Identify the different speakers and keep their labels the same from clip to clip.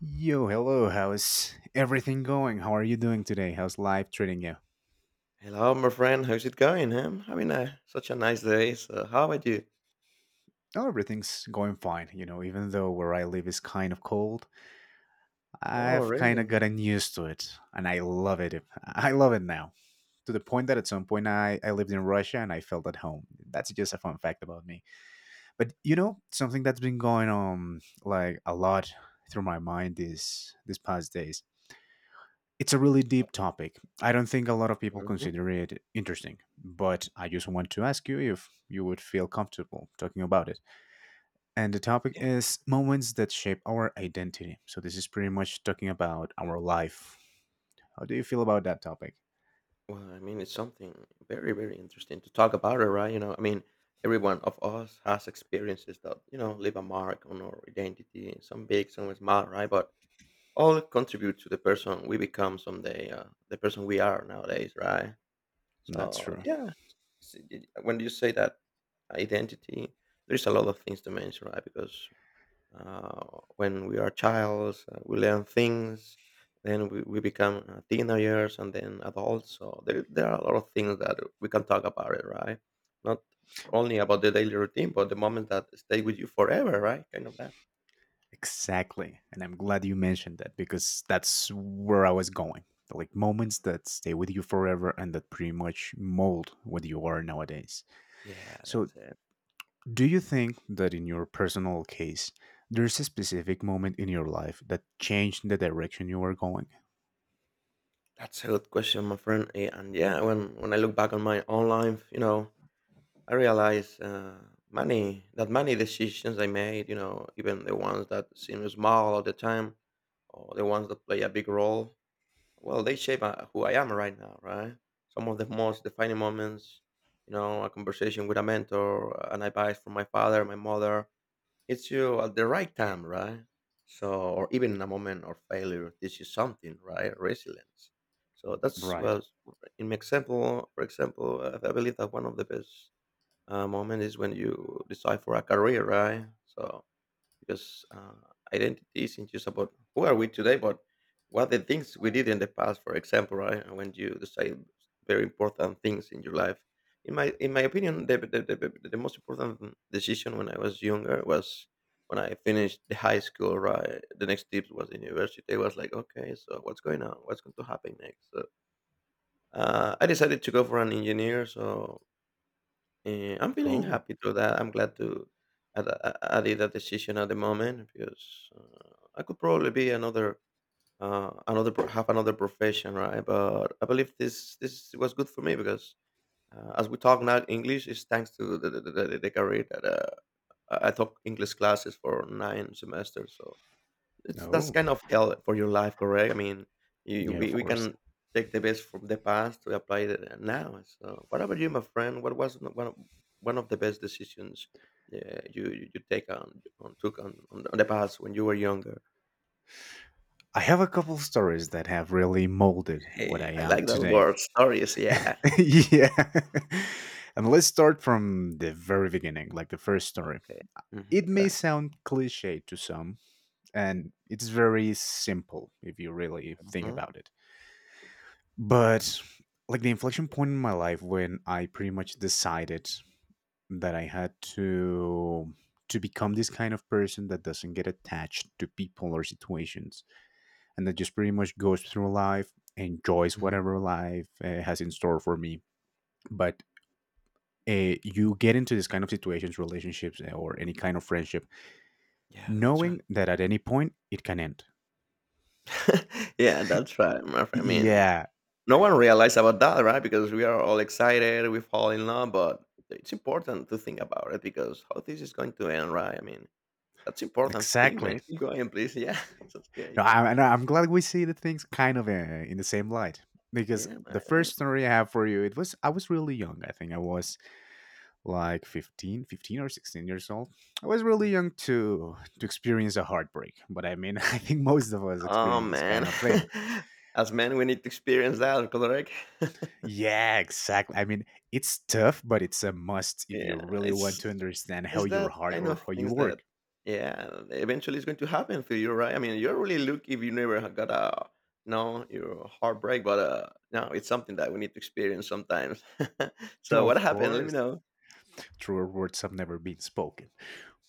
Speaker 1: Yo, hello. How's everything going? How are you doing today? How's life treating you?
Speaker 2: Hello, my friend. How's it going, huh? Having such a nice day. So, how about you?
Speaker 1: Oh, everything's going fine. You know, even though where I live is kind of cold,
Speaker 2: Oh,
Speaker 1: I've kind of
Speaker 2: really?
Speaker 1: gotten used to it, and I love it. I love it now. To the point that at some point I lived in Russia and I felt at home. That's just a fun fact about me. But you know, something that's been going on like a lot through my mind these past days. It's a really deep topic. I don't think a lot of people
Speaker 2: Hmm.
Speaker 1: consider it interesting, but I just want to ask you if you would feel comfortable talking about it. And the topic
Speaker 2: Yeah.
Speaker 1: is moments that shape our identity. So this is pretty much talking about our life. How do you feel about that topic?
Speaker 2: Well, I mean, it's something very, very interesting to talk about, right? You know, I mean, every one of us has experiences that, you know, leave a mark on our identity, some big, some small, right? But all contribute to the person we become someday, the person we are nowadays, right?
Speaker 1: That's
Speaker 2: So,
Speaker 1: true.
Speaker 2: yeah, when you say that identity, there's a lot of things to mention, right? Because when we are childs, we learn things, then we become teenagers and then adults. So there are a lot of things that we can talk about it, right? Not only about the daily routine, but the moments that stay with you forever, right? Kind of that.
Speaker 1: Exactly. And I'm glad you mentioned that because that's where I was going. Like moments that stay with you forever and that pretty much mold what you are nowadays.
Speaker 2: Yeah,
Speaker 1: So
Speaker 2: that's it.
Speaker 1: do you think that in your personal case, there's a specific moment in your life that changed the direction you were going?
Speaker 2: That's a good question, my friend. And yeah, when I look back on my own life, you know, I realize many decisions I made, you know, even the ones that seem small at the time, or the ones that play a big role. Well, they shape who I am right now, right? Some of the most defining moments, you know, a conversation with a mentor, an advice from my father, my mother, hits you at the right time, right? So, or even in a moment of failure, this is something, right? Resilience. So that's,
Speaker 1: Right.
Speaker 2: well, in my example, for example, I believe that one of the best moment is when you decide for a career, right? So because identity isn't just about who are we today, but what the things we did in the past. For example, right, and when you decide very important things in your life. In my opinion, the most important decision when I was younger was when I finished the high school. Right, the next step was the university. I was like, okay, so what's going on? What's going to happen next? So I decided to go for an engineer. So I'm feeling
Speaker 1: Oh,
Speaker 2: happy to that. I'm glad to I, I did that decision at the moment because I could probably be another have another profession, right? But I believe this was good for me because as we talk now, English is thanks to the career that I took English classes for nine semesters, so it's that's
Speaker 1: oh,
Speaker 2: kind of hell for your life, correct? I mean, you,
Speaker 1: yeah, of
Speaker 2: we
Speaker 1: course.
Speaker 2: can take the best from the past to apply it now. So, what about you, my friend? What was one of the best decisions you you you take on took on the past when you were younger?
Speaker 1: I have a couple stories that have really molded what
Speaker 2: Hey,
Speaker 1: I
Speaker 2: I
Speaker 1: am
Speaker 2: like that
Speaker 1: today.
Speaker 2: word. Stories, yeah.
Speaker 1: Yeah. And let's start from the very beginning, like the first story.
Speaker 2: Okay. Hmm.
Speaker 1: It
Speaker 2: Go.
Speaker 1: may sound cliche to some, and it's very simple if you really think
Speaker 2: Mhm,
Speaker 1: about it. But like the inflection point in my life when I pretty much decided that I had to become this kind of person that doesn't get attached to people or situations and that just pretty much goes through life, enjoys
Speaker 2: mhm.
Speaker 1: whatever life has in store for me. But you get into this kind of situations, relationships, or any kind of friendship,
Speaker 2: Yeah, that's right.
Speaker 1: knowing that at any point it can end.
Speaker 2: Yeah, that's right, my friend. I mean,
Speaker 1: Yeah,
Speaker 2: no one realized about that, right? Because we are all excited, we fall in love, but it's important to think about it, because how this is going to end, right? I mean, that's important thing,
Speaker 1: exactly.
Speaker 2: man. Keep going, please. Yeah, that's
Speaker 1: No,
Speaker 2: great.
Speaker 1: and I'm glad we see the things kind of in the same light because
Speaker 2: Yeah,
Speaker 1: the first
Speaker 2: man.
Speaker 1: story I have for you, it was I was really young. I think I was like fifteen or 16 years old. I was really young to experience a heartbreak, but I mean, I think most of us
Speaker 2: Oh
Speaker 1: experience this
Speaker 2: man,
Speaker 1: kind of thing.
Speaker 2: as men, we need to experience that, correct?
Speaker 1: Yeah, exactly. I mean, it's tough, but it's a must if you
Speaker 2: Yeah,
Speaker 1: really want
Speaker 2: it's
Speaker 1: to understand how your
Speaker 2: that
Speaker 1: heart
Speaker 2: kind
Speaker 1: or
Speaker 2: of
Speaker 1: how you
Speaker 2: things that
Speaker 1: work.
Speaker 2: yeah, eventually it's going to happen to you, right? I mean, you're really lucky if you never got a no your heartbreak, but no, it's something that we need to experience sometimes. So what
Speaker 1: Of
Speaker 2: happened? Let me
Speaker 1: course.
Speaker 2: know.
Speaker 1: Truer words have never been spoken,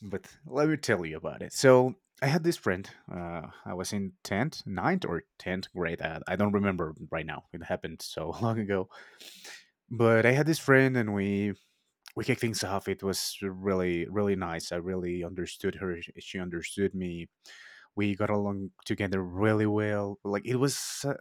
Speaker 1: but let me tell you about it. So I had this friend. I was in 10th ninth or 10th grade. I don't remember right now. It happened so long ago. But I had this friend, and we kicked things off. It was really, really nice. I really understood her. She understood me. We got along together really well. Like it was.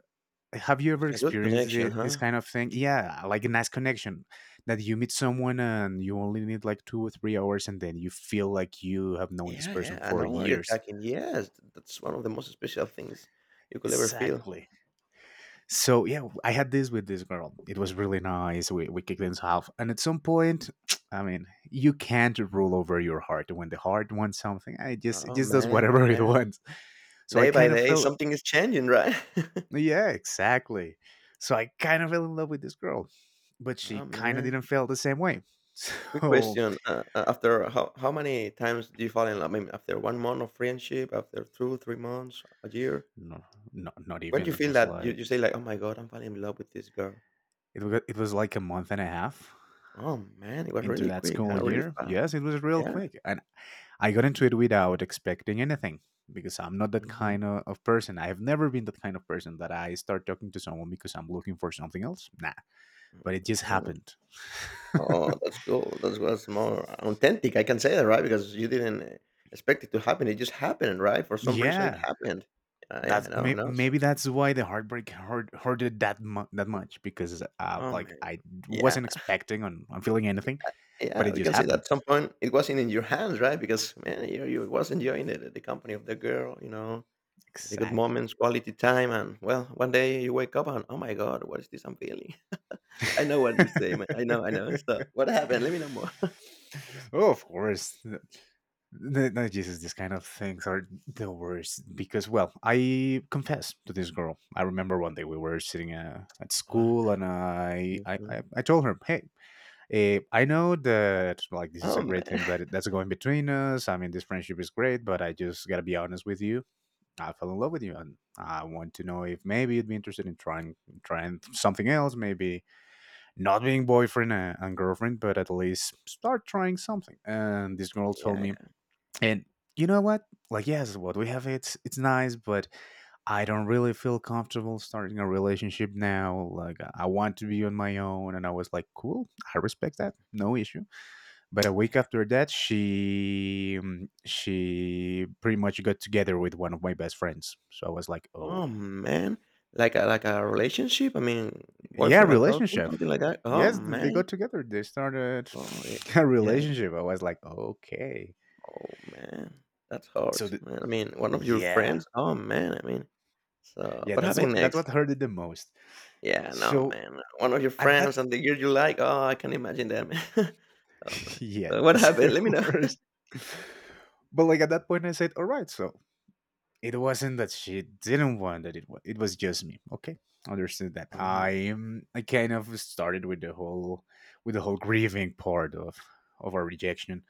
Speaker 1: Have you ever
Speaker 2: It's a good
Speaker 1: experienced
Speaker 2: connection,
Speaker 1: this
Speaker 2: huh?
Speaker 1: kind of thing? Yeah, like a nice connection that you meet someone and you only need like 2 or 3 hours, and then you feel like you have known this
Speaker 2: Yeah, yeah.
Speaker 1: person
Speaker 2: I
Speaker 1: for
Speaker 2: know where you're
Speaker 1: years.
Speaker 2: talking. Yes, that's one of the most special things you could ever feel.
Speaker 1: Exactly. So yeah, I had this with this girl. It was really nice. We kicked things off, and at some point, I mean, you can't rule over your heart. When the heart wants something, I just it
Speaker 2: Oh
Speaker 1: just does
Speaker 2: man,
Speaker 1: whatever it
Speaker 2: yeah.
Speaker 1: wants. So I
Speaker 2: Day by
Speaker 1: kind of
Speaker 2: day,
Speaker 1: fell.
Speaker 2: something is changing, right?
Speaker 1: Yeah, exactly. So I kind of fell in love with this girl, but
Speaker 2: Oh
Speaker 1: she kind of
Speaker 2: man.
Speaker 1: didn't feel the same way.
Speaker 2: Quick
Speaker 1: So
Speaker 2: question. After how many times do you fall in love? I mean, after 1 month of friendship, after two, 3 months, a year?
Speaker 1: no, no, not
Speaker 2: When do
Speaker 1: even.
Speaker 2: you
Speaker 1: It
Speaker 2: feel
Speaker 1: was
Speaker 2: that
Speaker 1: like
Speaker 2: you say, like, oh my God, I'm falling in love with this girl?
Speaker 1: it was like a month and a half
Speaker 2: Oh man, it was
Speaker 1: into
Speaker 2: really
Speaker 1: that
Speaker 2: quick,
Speaker 1: school
Speaker 2: huh? Really
Speaker 1: year.
Speaker 2: fast.
Speaker 1: Yes, it was real
Speaker 2: Yeah.
Speaker 1: quick, and I got into it without expecting anything because I'm not that
Speaker 2: hmm
Speaker 1: kind of person. I have never been that kind of person that I start talking to someone because I'm looking for something else. Nah, but it just
Speaker 2: hmm.
Speaker 1: happened.
Speaker 2: Oh, that's cool. That's more authentic. I can say that, right? Because you didn't expect it to happen. It just happened, right? For some reason, it
Speaker 1: Yeah,
Speaker 2: happened. Yeah, I know, I know. So,
Speaker 1: maybe that's why the heartbreak hurted that much because
Speaker 2: oh
Speaker 1: like
Speaker 2: man.
Speaker 1: I
Speaker 2: Yeah.
Speaker 1: wasn't expecting on feeling anything, but
Speaker 2: Yeah,
Speaker 1: it
Speaker 2: we
Speaker 1: just
Speaker 2: can say that
Speaker 1: happened.
Speaker 2: at some point it wasn't in your hands, right? Because man, you was enjoying the company of the girl, you know, the good
Speaker 1: Exactly.
Speaker 2: moments, quality time, and well, one day you wake up and oh my god, what is this I'm feeling? I know what you say, man. I know, I know. So what happened? Let me know more.
Speaker 1: Oh, of course. No, no, Jesus, these kind of things are the worst because, well, I confess to this girl. I remember one day we were sitting at
Speaker 2: Oh
Speaker 1: school,
Speaker 2: man.
Speaker 1: and
Speaker 2: Mhm.
Speaker 1: I told her, "Hey, I know that like this is
Speaker 2: Oh
Speaker 1: a great
Speaker 2: man.
Speaker 1: thing that that's going between us. I mean, this friendship is great, but I just gotta be honest with you. I fell in love with you, and I want to know if maybe you'd be interested in trying something else, maybe not being boyfriend and girlfriend, but at least start trying something." And this girl told
Speaker 2: Yeah,
Speaker 1: me,
Speaker 2: yeah.
Speaker 1: and you know what? Like, yes, what we have, it's nice, but I don't really feel comfortable starting a relationship now. Like, I want to be on my own. And I was like, cool, I respect that, no issue. But a week after that, she pretty much got together with one of my best friends. So I was like, oh.
Speaker 2: Oh man. Like a relationship? I mean,
Speaker 1: Yeah,
Speaker 2: boyfriend and girlfriend,
Speaker 1: relationship.
Speaker 2: something like that. Oh
Speaker 1: Yes, they
Speaker 2: man.
Speaker 1: got together. They started
Speaker 2: Oh yeah.
Speaker 1: a
Speaker 2: Yeah, yeah.
Speaker 1: relationship. I was like, okay.
Speaker 2: Oh man. That's hard,
Speaker 1: So the,
Speaker 2: man. I mean, one of your
Speaker 1: yeah,
Speaker 2: friends. Oh man. I mean, so,
Speaker 1: yeah.
Speaker 2: what
Speaker 1: That's what
Speaker 2: happened next?
Speaker 1: hurt it the most.
Speaker 2: Yeah, no,
Speaker 1: So
Speaker 2: man. One of your
Speaker 1: at that,
Speaker 2: friends and the girl you like. Oh, I can imagine that, man. Oh man.
Speaker 1: yeah,
Speaker 2: So what
Speaker 1: that's the
Speaker 2: happened? Let me know.
Speaker 1: worst. But like at that point, I said, all right. So it wasn't that she didn't want that. It was just me. Okay, understood that.
Speaker 2: Mhm,
Speaker 1: I kind of started with the whole grieving part of our rejection.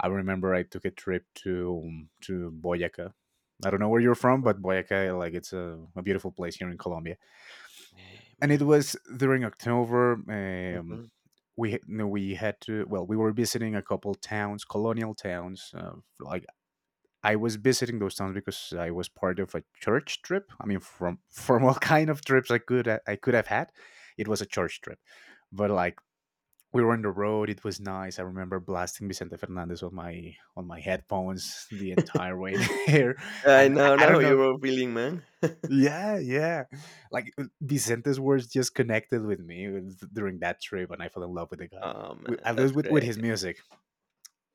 Speaker 1: I remember I took a trip to Boyaca. I don't know where you're from,
Speaker 2: mm.
Speaker 1: but Boyaca, like it's a beautiful place here in Colombia.
Speaker 2: Hey,
Speaker 1: And it
Speaker 2: man.
Speaker 1: was during October.
Speaker 2: Mhm.
Speaker 1: We had to, well, we were visiting a couple towns, colonial towns. Like I was visiting those towns because I was part of a church trip. I mean, from from what kind of trips I could have had, it was a church trip. But like we were on the road. It was nice. I remember blasting Vicente Fernandez on my headphones the entire way there,
Speaker 2: I
Speaker 1: and I
Speaker 2: know
Speaker 1: don't know.
Speaker 2: your feeling, man.
Speaker 1: Yeah, yeah. Like Vicente's words just connected with me during that trip, and I fell in love with the guy.
Speaker 2: Oh
Speaker 1: With,
Speaker 2: man,
Speaker 1: at least
Speaker 2: that's
Speaker 1: with
Speaker 2: great.
Speaker 1: his music.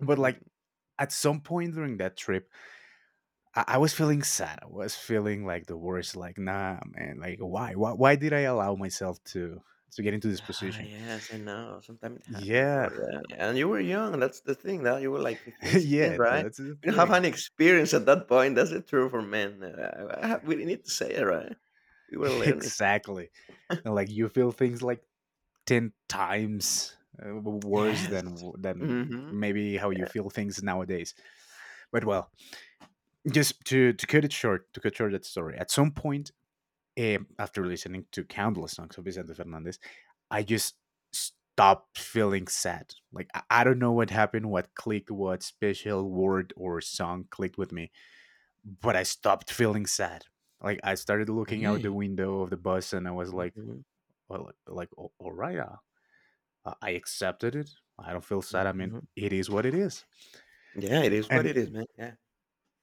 Speaker 1: But
Speaker 2: Mm.
Speaker 1: like at some point during that trip, I was feeling sad. I was feeling like the worst. Like nah, man. Like why? Why? Why did I allow myself to get into this
Speaker 2: Ah,
Speaker 1: position?
Speaker 2: yes, I know. Sometimes it happens, bro.
Speaker 1: Yeah,
Speaker 2: Yeah, yeah. And you were young. That's the thing. That you were like 15, 16,
Speaker 1: yeah.
Speaker 2: right?
Speaker 1: That's the
Speaker 2: We don't have
Speaker 1: thing.
Speaker 2: any experience at that point. That's the truth for men. We need to say it, right? We were learning.
Speaker 1: Exactly. And like you feel things like 10 times worse
Speaker 2: Yes.
Speaker 1: than
Speaker 2: Mhm.
Speaker 1: maybe how you feel things nowadays. But well, just to cut it short, to cut short that story, at some point, after listening to countless songs of Vicente Fernandez, I just stopped feeling sad. Like, I don't know what happened, what clicked, what special word or song clicked with me, but I stopped feeling sad. Like I started looking out
Speaker 2: Yeah.
Speaker 1: the window of the bus, and I was like,
Speaker 2: Mhm,
Speaker 1: well, like, all right, I accepted it. I don't feel sad. I mean,
Speaker 2: mhm.
Speaker 1: it is what it is."
Speaker 2: Yeah, it is what
Speaker 1: And
Speaker 2: it is, man. Yeah.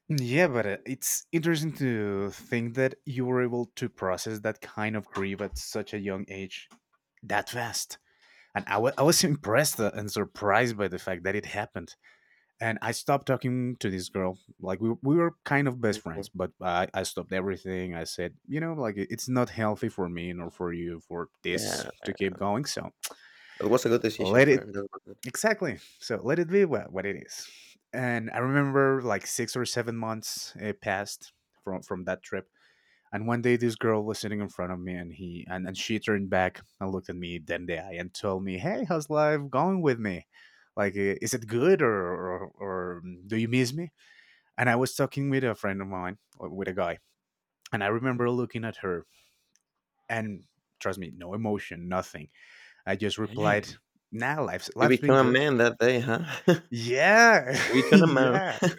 Speaker 1: yeah, but it's interesting to think that you were able to process that kind of grief at such a young age, that fast. And I was impressed and surprised by the fact that it happened. And I stopped talking to this girl. Like, we were kind of best friends,
Speaker 2: Mhm.
Speaker 1: but I stopped everything. I said, you know, like, it's not healthy for me nor for you for this
Speaker 2: Yeah,
Speaker 1: to keep going. So
Speaker 2: it was a good decision,
Speaker 1: let it—
Speaker 2: friend. That was good.
Speaker 1: Exactly. So let it be what it is. And I remember like 6 or 7 months it passed from that trip. And one day this girl was sitting in front of me, and, she turned back and looked at me then the eye and told me, "Hey, how's life going with me? Like is it good, or do you miss me?" And I was talking with a friend of mine, or with a guy, and I
Speaker 2: Mm.
Speaker 1: remember looking at her, and trust me, no emotion, nothing. I just
Speaker 2: Hey,
Speaker 1: replied, "Nah,
Speaker 2: you
Speaker 1: life's been
Speaker 2: become a
Speaker 1: good."
Speaker 2: man that day, huh?
Speaker 1: Yeah,
Speaker 2: You become a man.
Speaker 1: yeah.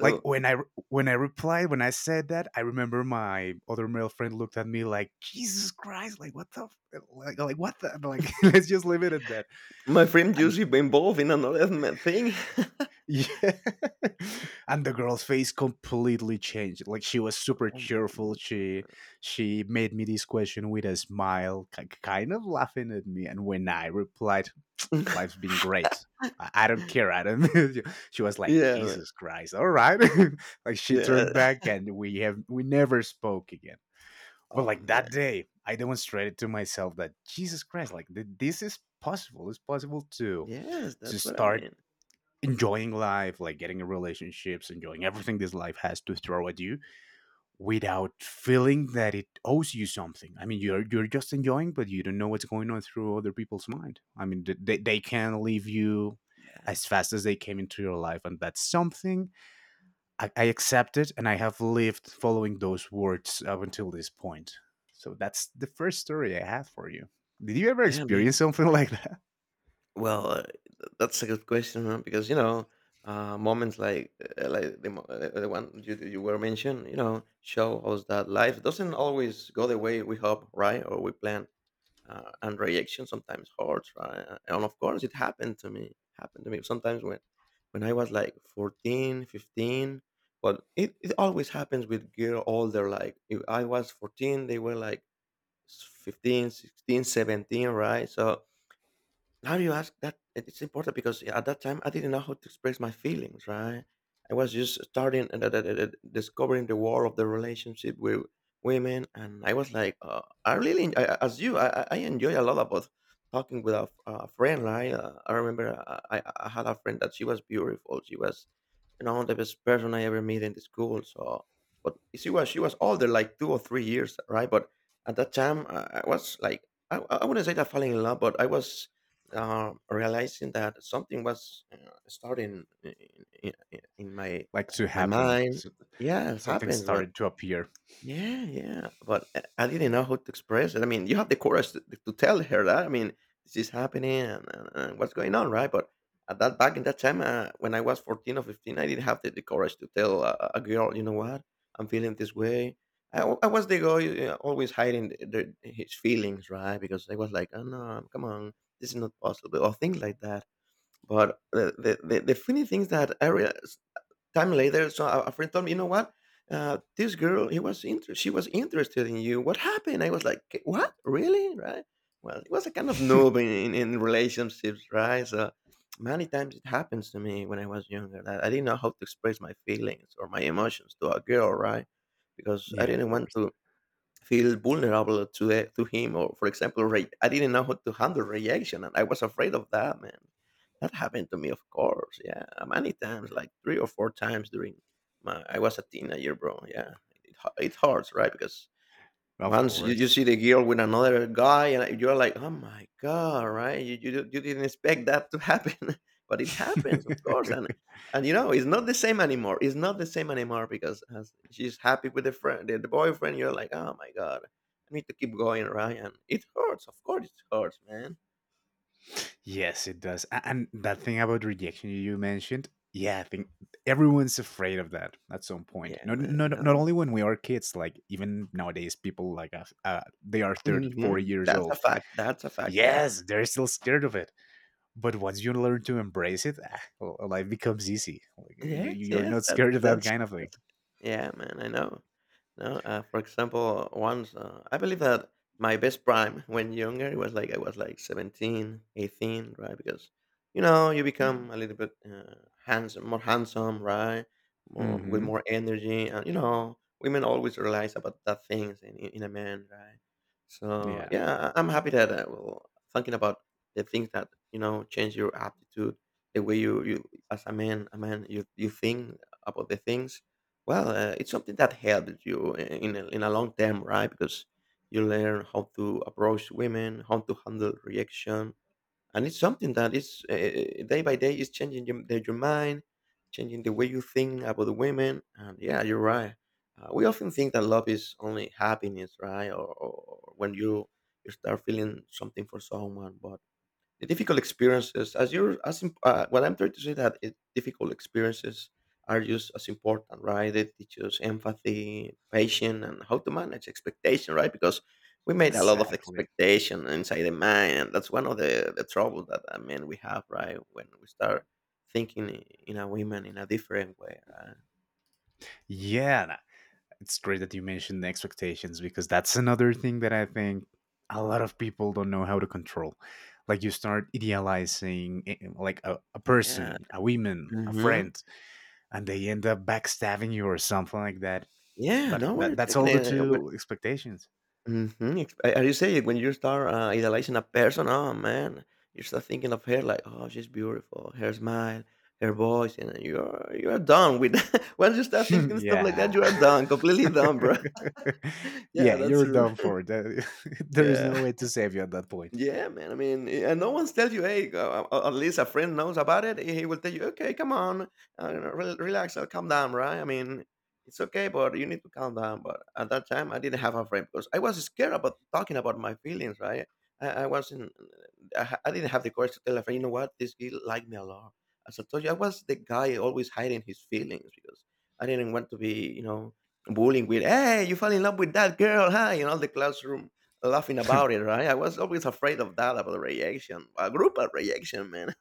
Speaker 1: Like when I replied when I said that, I remember my other male friend looked at me like Jesus Christ, like what the f—, like what the— like let's just leave it at that.
Speaker 2: my friend
Speaker 1: And
Speaker 2: Jussi be involved in another ma thing.
Speaker 1: yeah, and the girl's face completely changed. Like she was super
Speaker 2: Oh, mm,
Speaker 1: cheerful.
Speaker 2: mm.
Speaker 1: She made me this question with a smile, kind of laughing at me. And when I replied, "Life's been great. I don't care, Adam." She was like,
Speaker 2: Yeah, man.
Speaker 1: Jesus Christ, all right. Like she
Speaker 2: Yeah.
Speaker 1: turned back and we never spoke again. But
Speaker 2: Oh,
Speaker 1: like
Speaker 2: man.
Speaker 1: that day, I demonstrated to myself that Jesus Christ, like this is possible. It's possible to
Speaker 2: Yes,
Speaker 1: to
Speaker 2: that's what I
Speaker 1: start
Speaker 2: mean.
Speaker 1: enjoying life, like getting in relationships, enjoying everything this life has to throw at you without feeling that it owes you something. I mean, you're just enjoying, but you don't know what's going on through other people's mind. I mean, they can leave you
Speaker 2: Yeah.
Speaker 1: as fast as they came into your life, and that's something I accept it, and I have lived following those words up until this point. So that's the first story I have for you. Did you ever
Speaker 2: Yeah, man.
Speaker 1: experience something like that?
Speaker 2: Well, that's a good question, huh? Because you know, moments like the one you were mentioned, you know, show us that life doesn't always go the way we hope, right? Or we plan, and reaction sometimes hurts, right? And of course, it happened to me. Happened to me sometimes when I was like 14, 15. But it always happens with girl older. Like if I was 14, they were like 15, 16, 17, right? So now you ask that, it's important because yeah, at that time I didn't know how to express my feelings, right? I was just starting and discovering the war of the relationship with women, and I was like, I really, as you, I enjoy a lot about talking with a friend, right? I remember I had a friend that she was beautiful, she was, you know, the best person I ever met in the school. So, but she was older, like 2 or 3 years, right? But at that time, I was like, I wouldn't say that falling in love, but I was realizing that something was starting in my
Speaker 1: Like to happen,
Speaker 2: mind.
Speaker 1: so-
Speaker 2: Yeah, it
Speaker 1: something
Speaker 2: happens, but
Speaker 1: started to appear.
Speaker 2: yeah, but I didn't know how to express it. I mean, you have the courage to tell her that. I mean, this is happening and, what's going on, right? But at that, back in that time, when I was 14 or 15, I didn't have the courage to tell a girl, you know what, I'm feeling this way. I was the guy always hiding his feelings, right? Because I was like, oh no, come on, this is not possible, or things like that. But the funny things that I realized time later, so a friend told me, you know what? This girl, she was interested in you. What happened? I was like, "K- what? Really?" Right? Well, it was a kind of noob in relationships, right? So many times it happens to me when I was younger that I didn't know how to express my feelings or my emotions to a girl, right? Because I
Speaker 1: Yeah, of
Speaker 2: didn't want
Speaker 1: course,
Speaker 2: to feel vulnerable to to him. Or for example I didn't know how to handle rejection, and I was afraid of that, man. That happened to me, of course, yeah, many times, like three or four times during my— I was a teenager, bro. Yeah, it hurts, right? Because
Speaker 1: of
Speaker 2: once you
Speaker 1: course.
Speaker 2: see the girl with another guy, and you're like, "Oh my god!" Right? You didn't expect that to happen, but it happens, of course. And and you know, it's not the same anymore. It's not the same anymore because as she's happy with the friend, the boyfriend. You're like, "Oh my god, I need to keep going, right?" And it hurts. Of course, it hurts, man.
Speaker 1: Yes, it does. A- And that thing about rejection you mentioned, yeah, I think everyone's afraid of that at some point.
Speaker 2: Yeah,
Speaker 1: Not
Speaker 2: man. I
Speaker 1: not not
Speaker 2: know.
Speaker 1: only when we are kids, like even nowadays people like us, they are 30, 40 years
Speaker 2: That's
Speaker 1: old.
Speaker 2: a fact. That's a fact. Yeah.
Speaker 1: Yes, they're still scared of it. But once you learn to embrace it, ah, life becomes easy. Like
Speaker 2: Yes,
Speaker 1: you're
Speaker 2: yes,
Speaker 1: not
Speaker 2: that's
Speaker 1: scared of that
Speaker 2: that's
Speaker 1: kind of thing.
Speaker 2: that's yeah, man, I know. No, for example, once I believe that my best prime when younger, it was like I was like 17, 18, right? Because you know you become a little bit handsome, more handsome, right? More, with
Speaker 1: Mhm.
Speaker 2: more energy, and you know women always realize about that things in in a man, right? So
Speaker 1: Yeah.
Speaker 2: yeah, I'm happy that well, thinking about the things that you know change your aptitude, the way you as a man, you think about the things. Well, it's something that helps you in in a long term, right? Because you learn how to approach women, how to handle reaction, and it's something that is day by day is changing your mind, changing the way you think about the women. And yeah, you're right. We often think that love is only happiness, right? Or when you start feeling something for someone, but the difficult experiences as what I'm trying to say that difficult experiences are just as important, right? They teach us empathy, patience, and how to manage expectation, right? Because we made a lot of
Speaker 1: Exactly.
Speaker 2: expectation inside the mind, and that's one of the trouble that, I mean, we have, right, when we start thinking in a woman in a different way, right?
Speaker 1: Yeah, it's great that you mentioned the expectations because that's another thing that I think a lot of people don't know how to control. Like you start idealizing like a
Speaker 2: Yeah.
Speaker 1: person, a woman, a
Speaker 2: hmm
Speaker 1: friend, and they end up backstabbing you or something like that.
Speaker 2: yeah,
Speaker 1: But
Speaker 2: no, we're
Speaker 1: that's
Speaker 2: taking
Speaker 1: all due
Speaker 2: it.
Speaker 1: to expectations.
Speaker 2: Mhm, ex as you say, when you start, idolizing a person, oh, man, you start thinking of her like, "Oh, she's beautiful, her smile, her voice," and you're done with that. Once you start thinking stuff like that,
Speaker 1: Yeah.
Speaker 2: you are done, completely done, bro. Yeah,
Speaker 1: Yeah,
Speaker 2: that's
Speaker 1: you're
Speaker 2: true.
Speaker 1: done for. There there is no
Speaker 2: Yeah.
Speaker 1: way to save you at that point.
Speaker 2: Yeah, man. I mean, and no one's tell you, hey, at least a friend knows about it. He will tell you, okay, come on, you know, relax, calm down, right? I mean, it's okay, but you need to calm down. But at that time, I didn't have a friend because I was scared about talking about my feelings, right? I wasn't, I, ha- I didn't have the courage to tell a friend, you know what, this girl liked me a lot. As I told you, I was the guy always hiding his feelings because I didn't want to be, you know, bullying with, hey, you fell in love with that girl, huh? In all the classroom laughing about it, right? I was always afraid of that, about reaction, a group of reaction, man.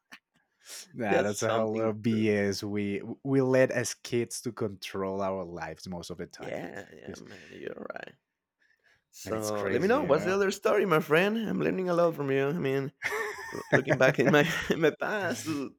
Speaker 1: Yeah,
Speaker 2: That's
Speaker 1: that's a whole lot
Speaker 2: something.
Speaker 1: of BS. We let as kids to control our lives most of the time,
Speaker 2: Yeah, yeah,
Speaker 1: because
Speaker 2: man. You're right.
Speaker 1: then it's
Speaker 2: So let me
Speaker 1: crazy,
Speaker 2: know
Speaker 1: you
Speaker 2: what's the
Speaker 1: know.
Speaker 2: other story, my friend. I'm learning a lot from you. I mean, looking back in my in my past,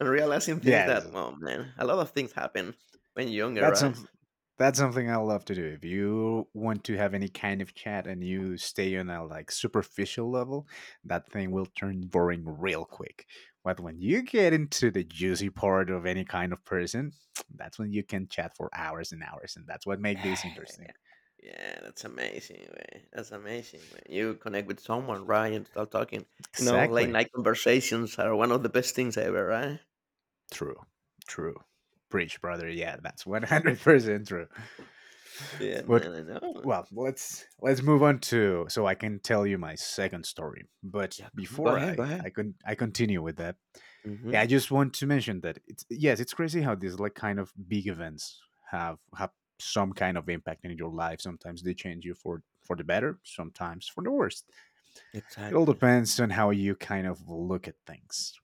Speaker 2: and realizing things
Speaker 1: Yes,
Speaker 2: that, well, man, a lot of things happen when you're younger,
Speaker 1: that's
Speaker 2: right?
Speaker 1: some that's something I love to do. If you want to have any kind of chat and you stay on a like superficial level, that thing will turn boring real quick. But when you get into the juicy part of any kind of person, that's when you can chat for hours and hours, and that's what makes this interesting.
Speaker 2: Yeah, yeah, that's amazing, man. That's amazing, man. You connect with someone, right, and start talking. You know, late
Speaker 1: Exactly.
Speaker 2: night conversations are one of the best things ever, right?
Speaker 1: True. True. Preach, brother. Yeah, that's 100% true.
Speaker 2: Yeah,
Speaker 1: But
Speaker 2: man, I know.
Speaker 1: well, let's move on to so I can tell you my second story. But
Speaker 2: Yeah, come on, go
Speaker 1: before
Speaker 2: ahead, go ahead.
Speaker 1: I continue with that, yeah, I
Speaker 2: Mhm,
Speaker 1: just want to mention that it's yes, it's crazy how these like kind of big events have some kind of impact in your life. Sometimes they change you for the better, sometimes for the worst. It all
Speaker 2: exactly.
Speaker 1: depends on how you kind of look at things.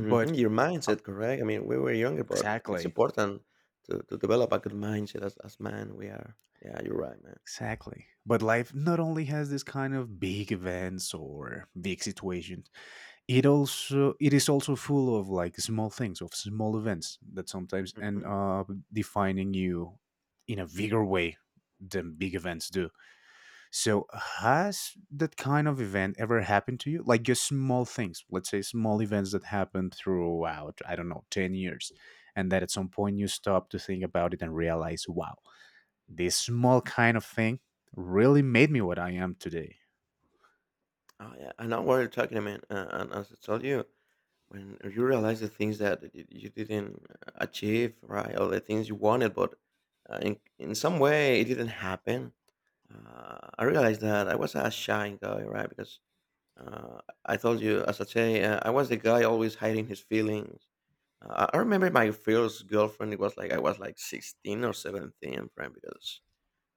Speaker 1: But
Speaker 2: your
Speaker 1: uh,
Speaker 2: mindset, correct? I mean, we were younger, but it's
Speaker 1: exactly,
Speaker 2: important to develop a good mindset as man we are. Yeah, you're right, man.
Speaker 1: Exactly. But life not only has this kind of big events or big situations, it is also full of like small things, of small events that sometimes end
Speaker 2: Mhm.
Speaker 1: up defining you in a bigger way than big events do. So has that kind of event ever happened to you? Like just small things, let's say small events that happened throughout, I don't know, 10 years, and that at some point you stop to think about it and realize, wow, this small kind of thing really made me what I am today.
Speaker 2: Oh, yeah, I know what you're talking about, and as I told you, when you realize the things that you didn't achieve, right, or the things you wanted, but in some way it didn't happen. I realized that I was a shy guy, right? Because Uh, I told you, as I say, I was the guy always hiding his feelings. I remember my first girlfriend. It was like I was like 16 or 17, friend, because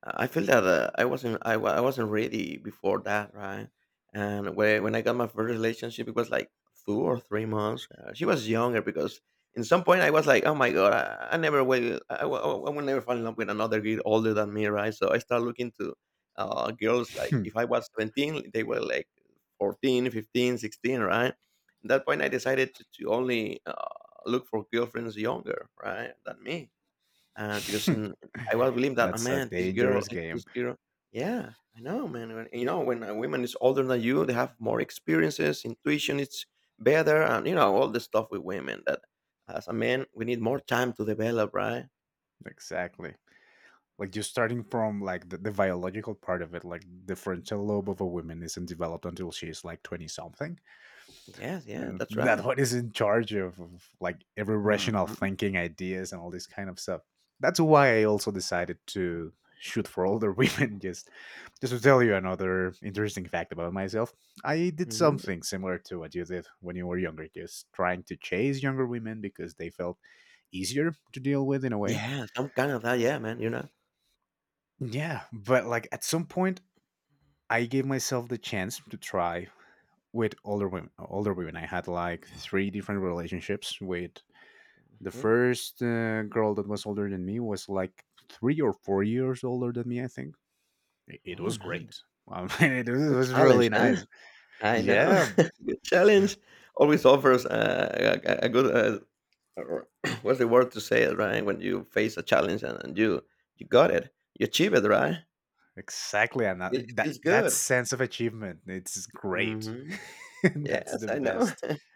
Speaker 2: I feel that I wasn't ready before that, right? And when when I got my first relationship, it was like 2 or 3 months. She was younger because in some point I was like, oh my god, I never will I will never fall in love with another girl older than me, right? So I started looking to girls, like if I was 17, they were like 14, 15, 16, right? At that point, I decided to, only look for girlfriends younger, right, than me, and because I was believing that, oh
Speaker 1: That's a
Speaker 2: man, this girl,
Speaker 1: dangerous
Speaker 2: eh,
Speaker 1: game.
Speaker 2: this girl, yeah, I know, man. When, you know, when a woman is older than you, they have more experiences, intuition is better, and you know all the stuff with women that, as a man, we need more time to develop, right?
Speaker 1: Exactly. Like you're starting from like the biological part of it, like the frontal lobe of a woman isn't developed until she's like 20 something.
Speaker 2: Yes, yeah,
Speaker 1: And
Speaker 2: that's
Speaker 1: that
Speaker 2: right.
Speaker 1: one is in charge of like every rational
Speaker 2: hmm
Speaker 1: thinking ideas and all this kind of stuff. That's why I also decided to shoot for older women, just to tell you another interesting fact about myself. I did
Speaker 2: hmm
Speaker 1: something similar to what you did when you were younger, just trying to chase younger women because they felt easier to deal with in a way.
Speaker 2: Yeah, some kind of that, yeah, man. You know.
Speaker 1: Yeah, but like at some point I gave myself the chance to try with older women. Older women, I had like three different relationships with. The
Speaker 2: Mhm.
Speaker 1: first girl that was older than me was like 3 or 4 years older than me, I think. It was
Speaker 2: Oh man,
Speaker 1: great. I mean, it
Speaker 2: good
Speaker 1: was
Speaker 2: challenge,
Speaker 1: really
Speaker 2: huh?
Speaker 1: nice.
Speaker 2: I know.
Speaker 1: Yeah,
Speaker 2: Good challenge always offers a good or- what's the word to say it right when you face a challenge, and you got it, you achieve it, right?
Speaker 1: exactly. And
Speaker 2: It feels
Speaker 1: that
Speaker 2: good.
Speaker 1: sense of achievement, it's great.
Speaker 2: hmm
Speaker 1: That's
Speaker 2: yes,
Speaker 1: the
Speaker 2: I know.
Speaker 1: best.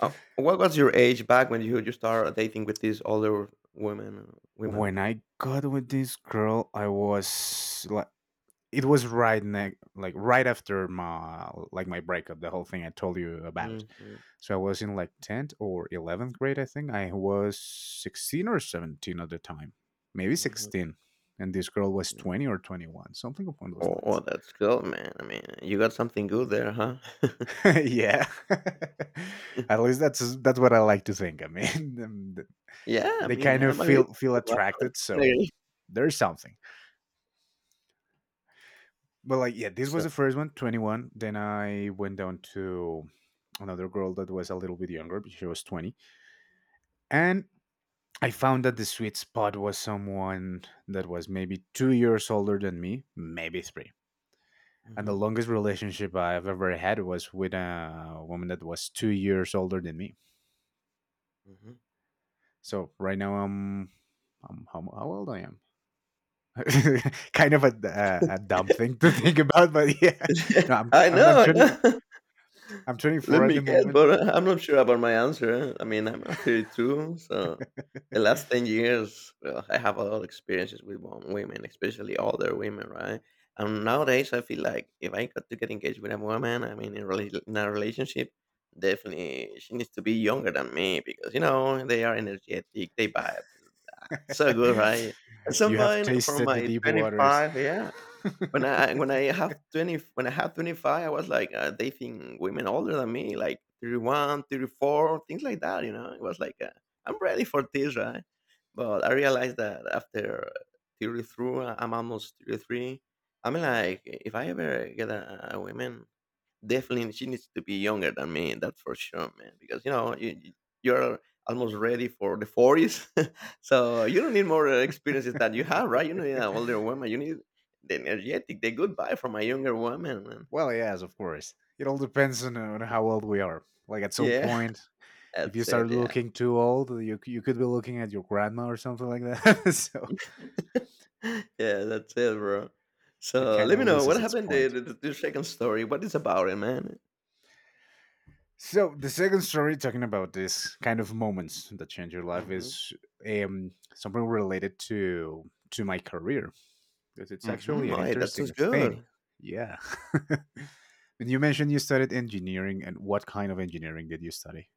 Speaker 2: What was your age back when you start dating with these older women
Speaker 1: When
Speaker 2: like
Speaker 1: I got with this girl, I was li- it was right ne- like right after my my breakup, the whole thing I told you about.
Speaker 2: mm mm,
Speaker 1: So I was in like 10th or 11th grade, I think I was 16 or 17 at the time, maybe
Speaker 2: mhm,
Speaker 1: 16. And this girl was
Speaker 2: mm.
Speaker 1: 20 or 21, something upon those
Speaker 2: Oh, oh,
Speaker 1: lines.
Speaker 2: that's cool, man. I mean, you got something good there, huh?
Speaker 1: Yeah, at least that's what I like to think, I mean. um, th-
Speaker 2: Yeah, I
Speaker 1: they
Speaker 2: mean,
Speaker 1: kind of
Speaker 2: I'm agree.
Speaker 1: feel attracted,
Speaker 2: 100%
Speaker 1: so
Speaker 2: agree.
Speaker 1: there's something. But like, yeah, this was
Speaker 2: So
Speaker 1: the first one, 21. Then I went down to another girl that was a little bit younger, but she was 20. And I found that the sweet spot was someone that was maybe 2 years older than me, maybe three. And the
Speaker 2: mhm,
Speaker 1: longest relationship I've ever had was with a woman that was 2 years older than me.
Speaker 2: mhm.
Speaker 1: So right now I'm how old I am? Kind of a dumb thing to think about, but yeah, no, I'm
Speaker 2: I
Speaker 1: I'm, I'm
Speaker 2: know, I
Speaker 1: 20,
Speaker 2: know.
Speaker 1: I'm
Speaker 2: Let
Speaker 1: 24 at the
Speaker 2: me guess,
Speaker 1: moment.
Speaker 2: but I'm not sure about my answer. I mean, I'm 32, so the last 10 years, well, I have a lot of experiences with women, especially older women, right? And nowadays, I feel like if I got to get engaged with a woman, I mean, in a relationship, definitely she needs to be younger than me because, you know, they are energetic, they vibe so good, right? At some
Speaker 1: You have
Speaker 2: point, from
Speaker 1: tasted the
Speaker 2: my
Speaker 1: deep waters.
Speaker 2: 25, yeah, when I have 20 when I had 25, I was like dating women older than me, like 31, 34, things like that, you know. It was like I'm ready for this, right? But I realized that after 33, I'm almost 33. I'm like, if I ever get a woman, definitely, she needs to be younger than me. That's for sure, man. Because you know you're almost ready for the 40s, so you don't need more experiences that you have, right? You need an older woman. You need the energetic, the good vibe from a younger woman, man.
Speaker 1: Well, yes, of course. It all depends on how old we are. Like at some
Speaker 2: Yeah,
Speaker 1: point, if you
Speaker 2: that's
Speaker 1: start
Speaker 2: it. Yeah,
Speaker 1: looking too old, you could be looking at your grandma or something like that. So
Speaker 2: yeah, that's it, bro.
Speaker 1: it
Speaker 2: So
Speaker 1: kind
Speaker 2: let
Speaker 1: of
Speaker 2: me know
Speaker 1: loses
Speaker 2: what
Speaker 1: its
Speaker 2: happened to
Speaker 1: point.
Speaker 2: the second story. What is about it, man?
Speaker 1: So the second story, talking about this kind of moments that change your life,
Speaker 2: Mm-hmm.
Speaker 1: is something related to my career, because it's
Speaker 2: Mm-hmm.
Speaker 1: actually an
Speaker 2: Why? That sounds
Speaker 1: interesting thing.
Speaker 2: good.
Speaker 1: Yeah. And you mentioned you studied engineering, and what kind of engineering did you study?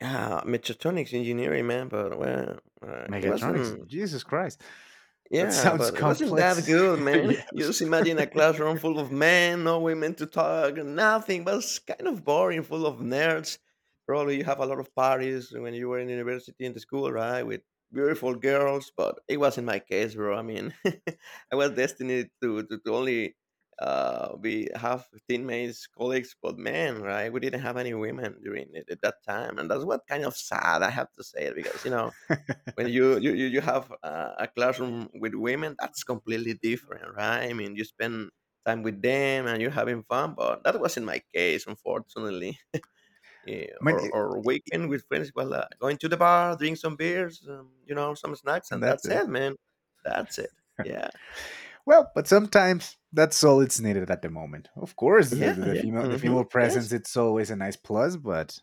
Speaker 2: Yeah, mechatronics engineering, man. But well, it
Speaker 1: Mechatronics.
Speaker 2: wasn't.
Speaker 1: Jesus Christ, that
Speaker 2: Yeah,
Speaker 1: sounds
Speaker 2: but it wasn't that
Speaker 1: complex.
Speaker 2: good, man.
Speaker 1: Yeah,
Speaker 2: You just imagine a classroom full of men, no women to talk, nothing. It was kind of boring, full of nerds. Probably you have a lot of parties when you were in university and the school, right? With beautiful girls, but it wasn't my case, bro. I mean, I was destined to only be have teammates, colleagues, but man, right? We didn't have any women during it at that time, and that's what kind of sad I have to say, because you know when you have a classroom with women, that's completely different, right? I mean, you spend time with them and you're having fun, but that wasn't my case, unfortunately. Eh,
Speaker 1: I mean, it-
Speaker 2: or weekend with friends, well, going to the bar, drink some beers, you know, some snacks,
Speaker 1: and
Speaker 2: and
Speaker 1: that's
Speaker 2: that's
Speaker 1: it.
Speaker 2: it, man. That's it. Yeah.
Speaker 1: Well, but sometimes that's all it's needed at the moment. Of course,
Speaker 2: Yeah
Speaker 1: the female
Speaker 2: yes,
Speaker 1: presence, it's always a nice plus, but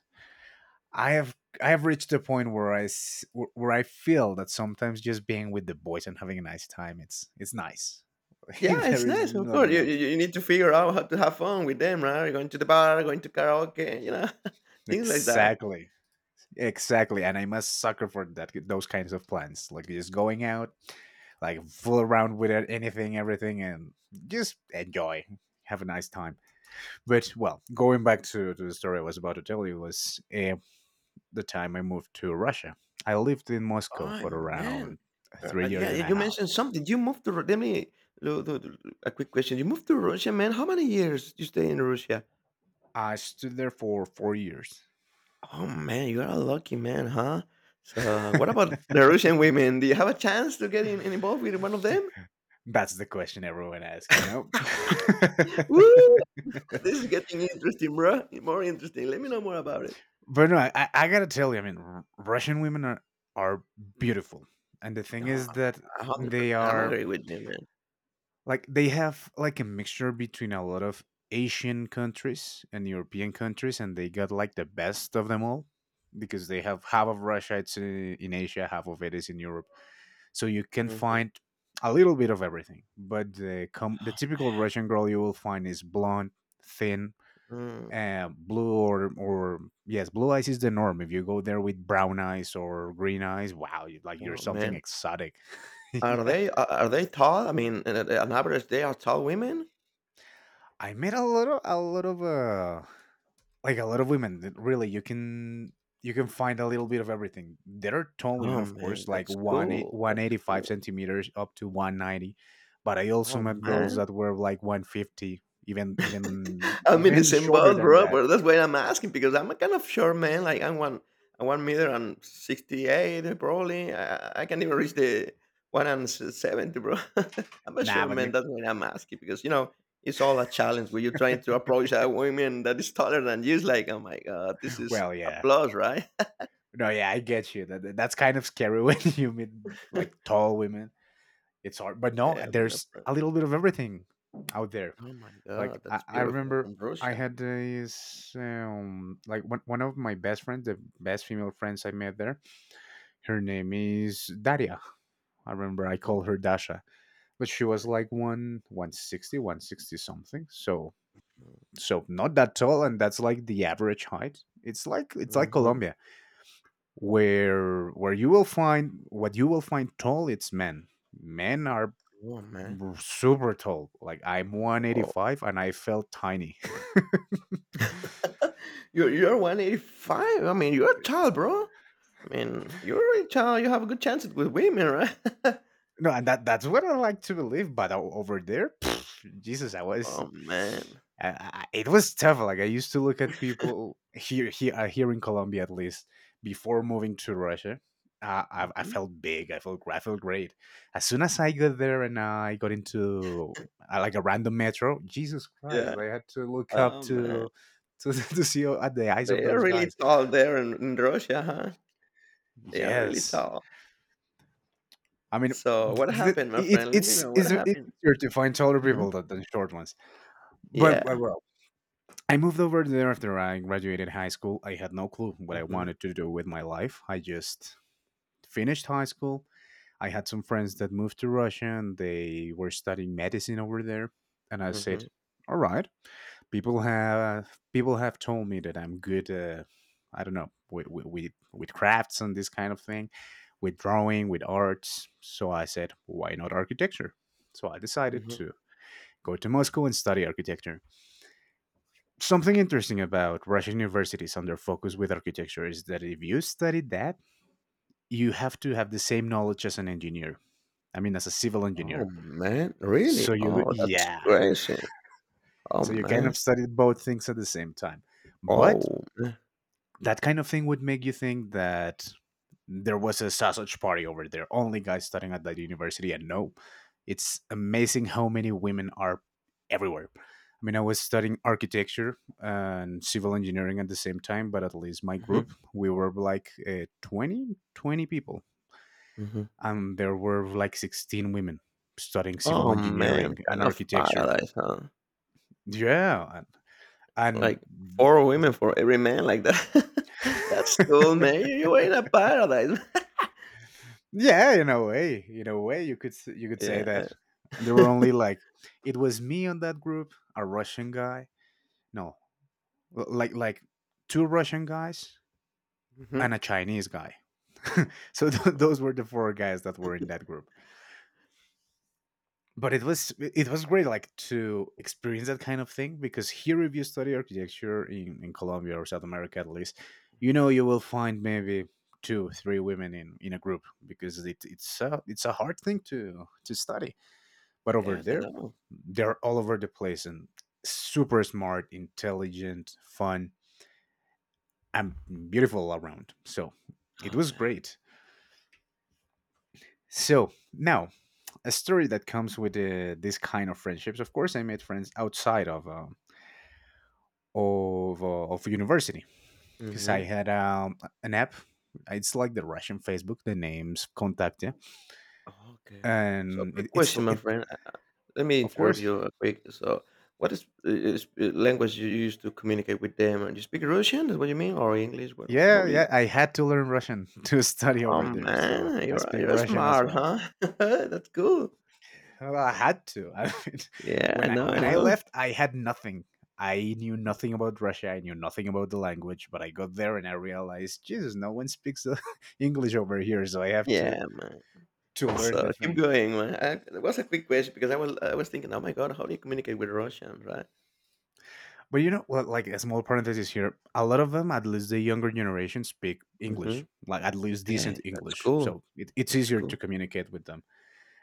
Speaker 1: I have reached a point where where I feel that sometimes just being with the boys and having a nice time, it's nice.
Speaker 2: yeah, it's
Speaker 1: There is
Speaker 2: nice, of course.
Speaker 1: nothing else.
Speaker 2: You need to figure out how to have fun with them, right? Going to the bar, going to karaoke, you know, things like that.
Speaker 1: Exactly. Exactly. And I'm a sucker for that, those kinds of plans. Like just going out, like fool around with it, anything, everything, and just enjoy. Have a nice time. But well, going back to the story I was about to tell you was the time I moved to Russia. I lived in Moscow
Speaker 2: Oh,
Speaker 1: for
Speaker 2: man.
Speaker 1: around three years
Speaker 2: Yeah,
Speaker 1: and
Speaker 2: yeah,
Speaker 1: a
Speaker 2: you
Speaker 1: half.
Speaker 2: mentioned something. You moved to let me a quick question. You moved to Russia, man. How many years you stay in Russia?
Speaker 1: I stood there for 4 years.
Speaker 2: Oh man, you are a lucky man, huh? So, what about the Russian women? Do you have a chance to get involved with one of them?
Speaker 1: That's the question everyone asks, you know?
Speaker 2: Woo! This is getting interesting, bro. More interesting. Let me know more about it.
Speaker 1: But no, I gotta tell you, I mean, Russian women are beautiful, and the thing
Speaker 2: Oh,
Speaker 1: is that
Speaker 2: a hundred
Speaker 1: they
Speaker 2: percent. I'm
Speaker 1: are
Speaker 2: agree with you,
Speaker 1: like they have like a mixture between a lot of Asian countries and European countries, and they got like the best of them all, because they have half of Russia, it's in Asia, half of it is in Europe, so you can
Speaker 2: man.
Speaker 1: find a little bit of everything. But the typical Russian girl you will find is blonde, thin,
Speaker 2: hmm
Speaker 1: blue or yes, blue eyes is the norm. If you go there with brown eyes or green eyes, wow, you, like you're
Speaker 2: Oh
Speaker 1: something
Speaker 2: man,
Speaker 1: exotic.
Speaker 2: are
Speaker 1: Yeah,
Speaker 2: they are are they tall? I mean, an average, they are tall women.
Speaker 1: I met a lot of a lot of women. That really, you can find a little bit of everything. There are tall women,
Speaker 2: Oh,
Speaker 1: of
Speaker 2: man,
Speaker 1: course, like
Speaker 2: that's cool,
Speaker 1: one
Speaker 2: that's
Speaker 1: eighty-five
Speaker 2: cool.
Speaker 1: centimeters up to 190, but I also
Speaker 2: Oh,
Speaker 1: met girls
Speaker 2: man.
Speaker 1: that were like 150, even even
Speaker 2: I'm in the
Speaker 1: even
Speaker 2: same
Speaker 1: shorter
Speaker 2: boat,
Speaker 1: than
Speaker 2: bro,
Speaker 1: that.
Speaker 2: but that's why I'm asking because I'm a kind of short man, I'm 1 meter and 68 probably. I can't even reach the 1 and s 70, bro. I'm a
Speaker 1: Nah,
Speaker 2: short
Speaker 1: but you
Speaker 2: man, that's why I'm asking because, you know, it's all a challenge when you're trying to approach a woman that is taller than you. It's like, "Oh my god, this is
Speaker 1: well, yeah,
Speaker 2: applause, right?"
Speaker 1: no, yeah, I get you. That that's kind of scary when you meet like tall women. It's hard, but no,
Speaker 2: Yeah, no,
Speaker 1: there's
Speaker 2: bro.
Speaker 1: a little bit of everything out there.
Speaker 2: Oh my
Speaker 1: Like
Speaker 2: god, that's
Speaker 1: I
Speaker 2: beautiful,
Speaker 1: remember
Speaker 2: from
Speaker 1: I
Speaker 2: Russia.
Speaker 1: had this like one of my best friends, the best female friends I met there. Her name is Daria. I remember I
Speaker 2: Mhm,
Speaker 1: called her Dasha, but she was like one sixty something. So so not that tall, and that's like the average height. It's like
Speaker 2: mm, mhm.
Speaker 1: Colombia. Where you will find tall, it's men. Men are
Speaker 2: Oh man.
Speaker 1: super tall, like I'm
Speaker 2: Oh.
Speaker 1: 185 and I felt tiny.
Speaker 2: You're 185. I mean, you're tall, bro. I mean, you're really tall. You have a good chance with women, right?
Speaker 1: No, and that's what I like to believe, but over there Jesus, I was.
Speaker 2: Oh man.
Speaker 1: It was tough. Like I used to look at people here, here in Colombia, at least before moving to Russia. I
Speaker 2: Mhm.
Speaker 1: felt big. I felt great. As soon as I got there and I got into like a random metro, Jesus Christ!
Speaker 2: Yeah.
Speaker 1: I had to look up
Speaker 2: Oh man.
Speaker 1: to to see at the eyes of
Speaker 2: They are
Speaker 1: those
Speaker 2: really
Speaker 1: guys.
Speaker 2: tall there in Russia, huh? They are really
Speaker 1: Yes,
Speaker 2: tall.
Speaker 1: I mean,
Speaker 2: So what
Speaker 1: th- th-
Speaker 2: happened, my
Speaker 1: it,
Speaker 2: friend? Let me know what
Speaker 1: it's
Speaker 2: happened.
Speaker 1: easier to find taller
Speaker 2: hmm
Speaker 1: people than short ones. But
Speaker 2: Yeah.
Speaker 1: well, I moved over there after I graduated high school. I had no clue what I
Speaker 2: hmm
Speaker 1: wanted to do with my life. I just finished high school. I had some friends that moved to Russia and they were studying medicine over there. And I said,
Speaker 2: hmm
Speaker 1: all right. People have told me that I'm good. I don't know with, with crafts and this kind of thing, with drawing, with arts. So I said, why not architecture? So I decided
Speaker 2: hmm
Speaker 1: to go to Moscow and study architecture. Something interesting about Russian universities and their focus with architecture is that if you study that, you have to have the same knowledge as an engineer. I mean, as a civil
Speaker 2: Oh
Speaker 1: engineer.
Speaker 2: man,
Speaker 1: So
Speaker 2: really?
Speaker 1: you,
Speaker 2: Oh, that's
Speaker 1: yeah.
Speaker 2: crazy. Oh
Speaker 1: So you kind
Speaker 2: man.
Speaker 1: of study both things at the same time. But
Speaker 2: Oh.
Speaker 1: that kind of thing would make you think that there was a sausage party over there, only guys studying at that university. And no, it's amazing how many women are everywhere. I mean, I was studying architecture and civil engineering at the same time, but at least my
Speaker 2: hmm
Speaker 1: group, we were like twenty people.
Speaker 2: hmm
Speaker 1: And there were like 16 women studying civil
Speaker 2: Oh man,
Speaker 1: engineering and
Speaker 2: kind of
Speaker 1: architecture.
Speaker 2: paradise, huh?
Speaker 1: Yeah.
Speaker 2: Like
Speaker 1: And
Speaker 2: four women for every man, like that. That's cool, man. You were in a paradise.
Speaker 1: yeah, in a way, you could say that.
Speaker 2: yeah.
Speaker 1: And there were only like it was me on that group, a Russian guy, no, like two Russian guys
Speaker 2: Mhm,
Speaker 1: and a Chinese guy. So those were the four guys that were in that group. But it was great, like to experience that kind of thing because here, if you study architecture in Colombia or South America at least, you
Speaker 2: mhm.
Speaker 1: know you will find maybe 2 3 women in a group because it's a hard thing to study. But over
Speaker 2: Yes, I
Speaker 1: there,
Speaker 2: know.
Speaker 1: they're all over the place and super smart, intelligent, fun, and beautiful around. So it
Speaker 2: Oh
Speaker 1: was
Speaker 2: man.
Speaker 1: great. So now, a story that comes with this kind of friendships. Of course, I made friends outside of of university because I
Speaker 2: hmm
Speaker 1: had an app. It's like the Russian Facebook. The name's Kontakte,
Speaker 2: Okay. So,
Speaker 1: and
Speaker 2: quick question, my friend. Let me
Speaker 1: of
Speaker 2: interrupt
Speaker 1: course.
Speaker 2: you quick. So, what is language you use to communicate with them? And you speak Russian? Is what you mean, or English? What? How
Speaker 1: Yeah,
Speaker 2: do you?
Speaker 1: yeah. I had to learn Russian to study
Speaker 2: Oh
Speaker 1: over there, so
Speaker 2: man,
Speaker 1: I
Speaker 2: you're
Speaker 1: speak
Speaker 2: you're
Speaker 1: Russian as
Speaker 2: smart,
Speaker 1: well.
Speaker 2: huh? That's cool.
Speaker 1: Well, I had to. I mean,
Speaker 2: Yeah,
Speaker 1: when
Speaker 2: I
Speaker 1: I
Speaker 2: know,
Speaker 1: when
Speaker 2: I
Speaker 1: I
Speaker 2: know.
Speaker 1: left, I had nothing. I knew nothing about Russia. I knew nothing about the language. But I got there and I realized, Jesus, no one speaks English over here, so I have to
Speaker 2: Yeah, man.
Speaker 1: to learn
Speaker 2: So
Speaker 1: the
Speaker 2: keep
Speaker 1: thing.
Speaker 2: going, man. That was a quick question because I was thinking, oh my god, how do you communicate with Russian, right?
Speaker 1: But you know, well, like a small parenthesis here, a lot of them, at least the younger generation, speak
Speaker 2: Mm-hmm.
Speaker 1: English, like at least
Speaker 2: Hey,
Speaker 1: decent
Speaker 2: that's
Speaker 1: English.
Speaker 2: cool.
Speaker 1: So it's
Speaker 2: That's
Speaker 1: easier to
Speaker 2: cool.
Speaker 1: communicate with them.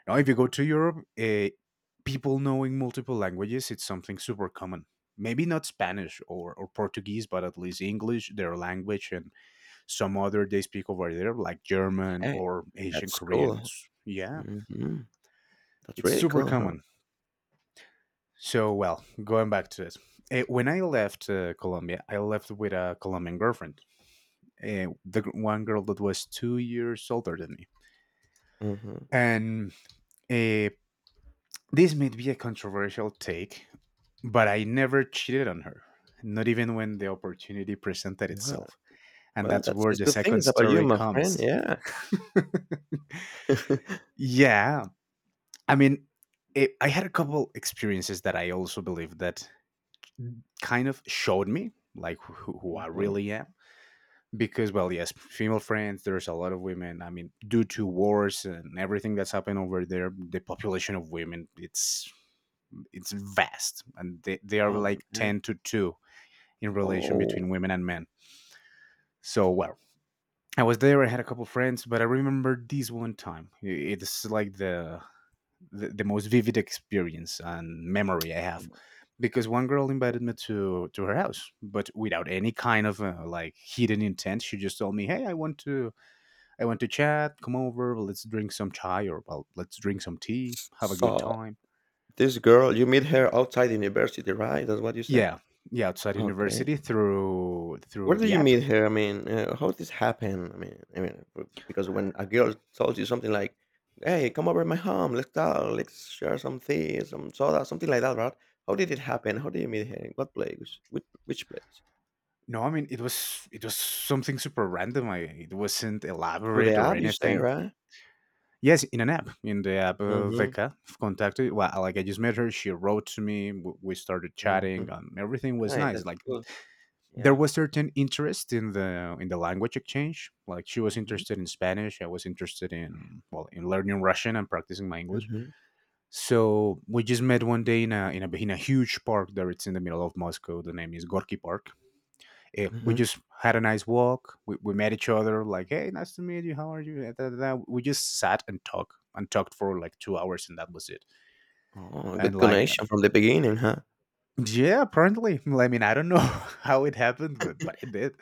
Speaker 1: Now, if you go
Speaker 2: hmm
Speaker 1: to Europe, people knowing multiple languages, it's something super common. Maybe not Spanish or Portuguese, but at least English, their language, and some other they speak over there, like German
Speaker 2: Hey,
Speaker 1: or Asian
Speaker 2: that's
Speaker 1: Korean.
Speaker 2: cool.
Speaker 1: It's, yeah,
Speaker 2: hmm That's
Speaker 1: it's
Speaker 2: really
Speaker 1: super
Speaker 2: cool, huh?
Speaker 1: common. So, well, going back to this, when I left Colombia, I left with a Colombian girlfriend, one girl that was 2 years older than me.
Speaker 2: hmm
Speaker 1: And uh, this may be a controversial take, but I never cheated on her, not even when the opportunity presented
Speaker 2: Well,
Speaker 1: itself. And
Speaker 2: well,
Speaker 1: that's
Speaker 2: that's
Speaker 1: where
Speaker 2: it's
Speaker 1: the
Speaker 2: good
Speaker 1: second
Speaker 2: things about you,
Speaker 1: story
Speaker 2: my friend.
Speaker 1: comes.
Speaker 2: Yeah.
Speaker 1: Yeah, I mean, I had a couple experiences that I also believe that kind of showed me like who I
Speaker 2: hmm
Speaker 1: really am. Because, well, yes, female friends, there's a lot of women. I mean, due to wars and everything that's happened over there, the population of women, it's vast and they are
Speaker 2: Oh
Speaker 1: like
Speaker 2: man.
Speaker 1: 10 to 2 in relation between
Speaker 2: Oh,
Speaker 1: women and men. So well, I was there, I had a couple friends, but I remember this one time. It's like the most vivid experience and memory I have because one girl invited me to her house but without any kind of like hidden intent. She just told me, hey, I want to chat, come over, let's drink some chai, or well, let's drink some tea, have a good
Speaker 2: so
Speaker 1: time.
Speaker 2: this girl, you meet her outside university, right? That's what you said.
Speaker 1: Yeah, yeah, outside
Speaker 2: Okay.
Speaker 1: university through
Speaker 2: Where do
Speaker 1: the
Speaker 2: you
Speaker 1: app.
Speaker 2: meet her? I mean, how this happen? Because when a girl tells you something like, "Hey, come over to my home. Let's talk. Let's share some tea, some soda, something like that," right? How did it happen? How did you meet her? In what place? Which place?
Speaker 1: No, I mean it was something super random. I, it wasn't
Speaker 2: Through the
Speaker 1: elaborate or
Speaker 2: app, you say,
Speaker 1: anything.
Speaker 2: right?
Speaker 1: Yes, in an app, in the app
Speaker 2: Mm-hmm.
Speaker 1: Veka contacted. Well, like I just met her. She wrote to me. We started
Speaker 2: Mm-hmm.
Speaker 1: chatting, and everything was
Speaker 2: Right.
Speaker 1: nice.
Speaker 2: That's
Speaker 1: Like
Speaker 2: cool.
Speaker 1: there
Speaker 2: Yeah.
Speaker 1: was certain interest in the language exchange. Like she was
Speaker 2: Mm-hmm.
Speaker 1: interested in Spanish. I was interested in well in learning Russian and practicing my English.
Speaker 2: Mm-hmm.
Speaker 1: So we just met one day in a in a huge park there. It's in the middle of Moscow. The name is Gorky Park. We
Speaker 2: Mm-hmm.
Speaker 1: just had a nice walk. We met each other, like, hey, nice to meet you. How are you? Eh, da, da, da. We just sat and talked for like 2 hours, and that was it.
Speaker 2: Oh,
Speaker 1: And
Speaker 2: good
Speaker 1: like,
Speaker 2: connection from the beginning, huh?
Speaker 1: yeah, apparently, I mean, I don't know how it happened, but it did.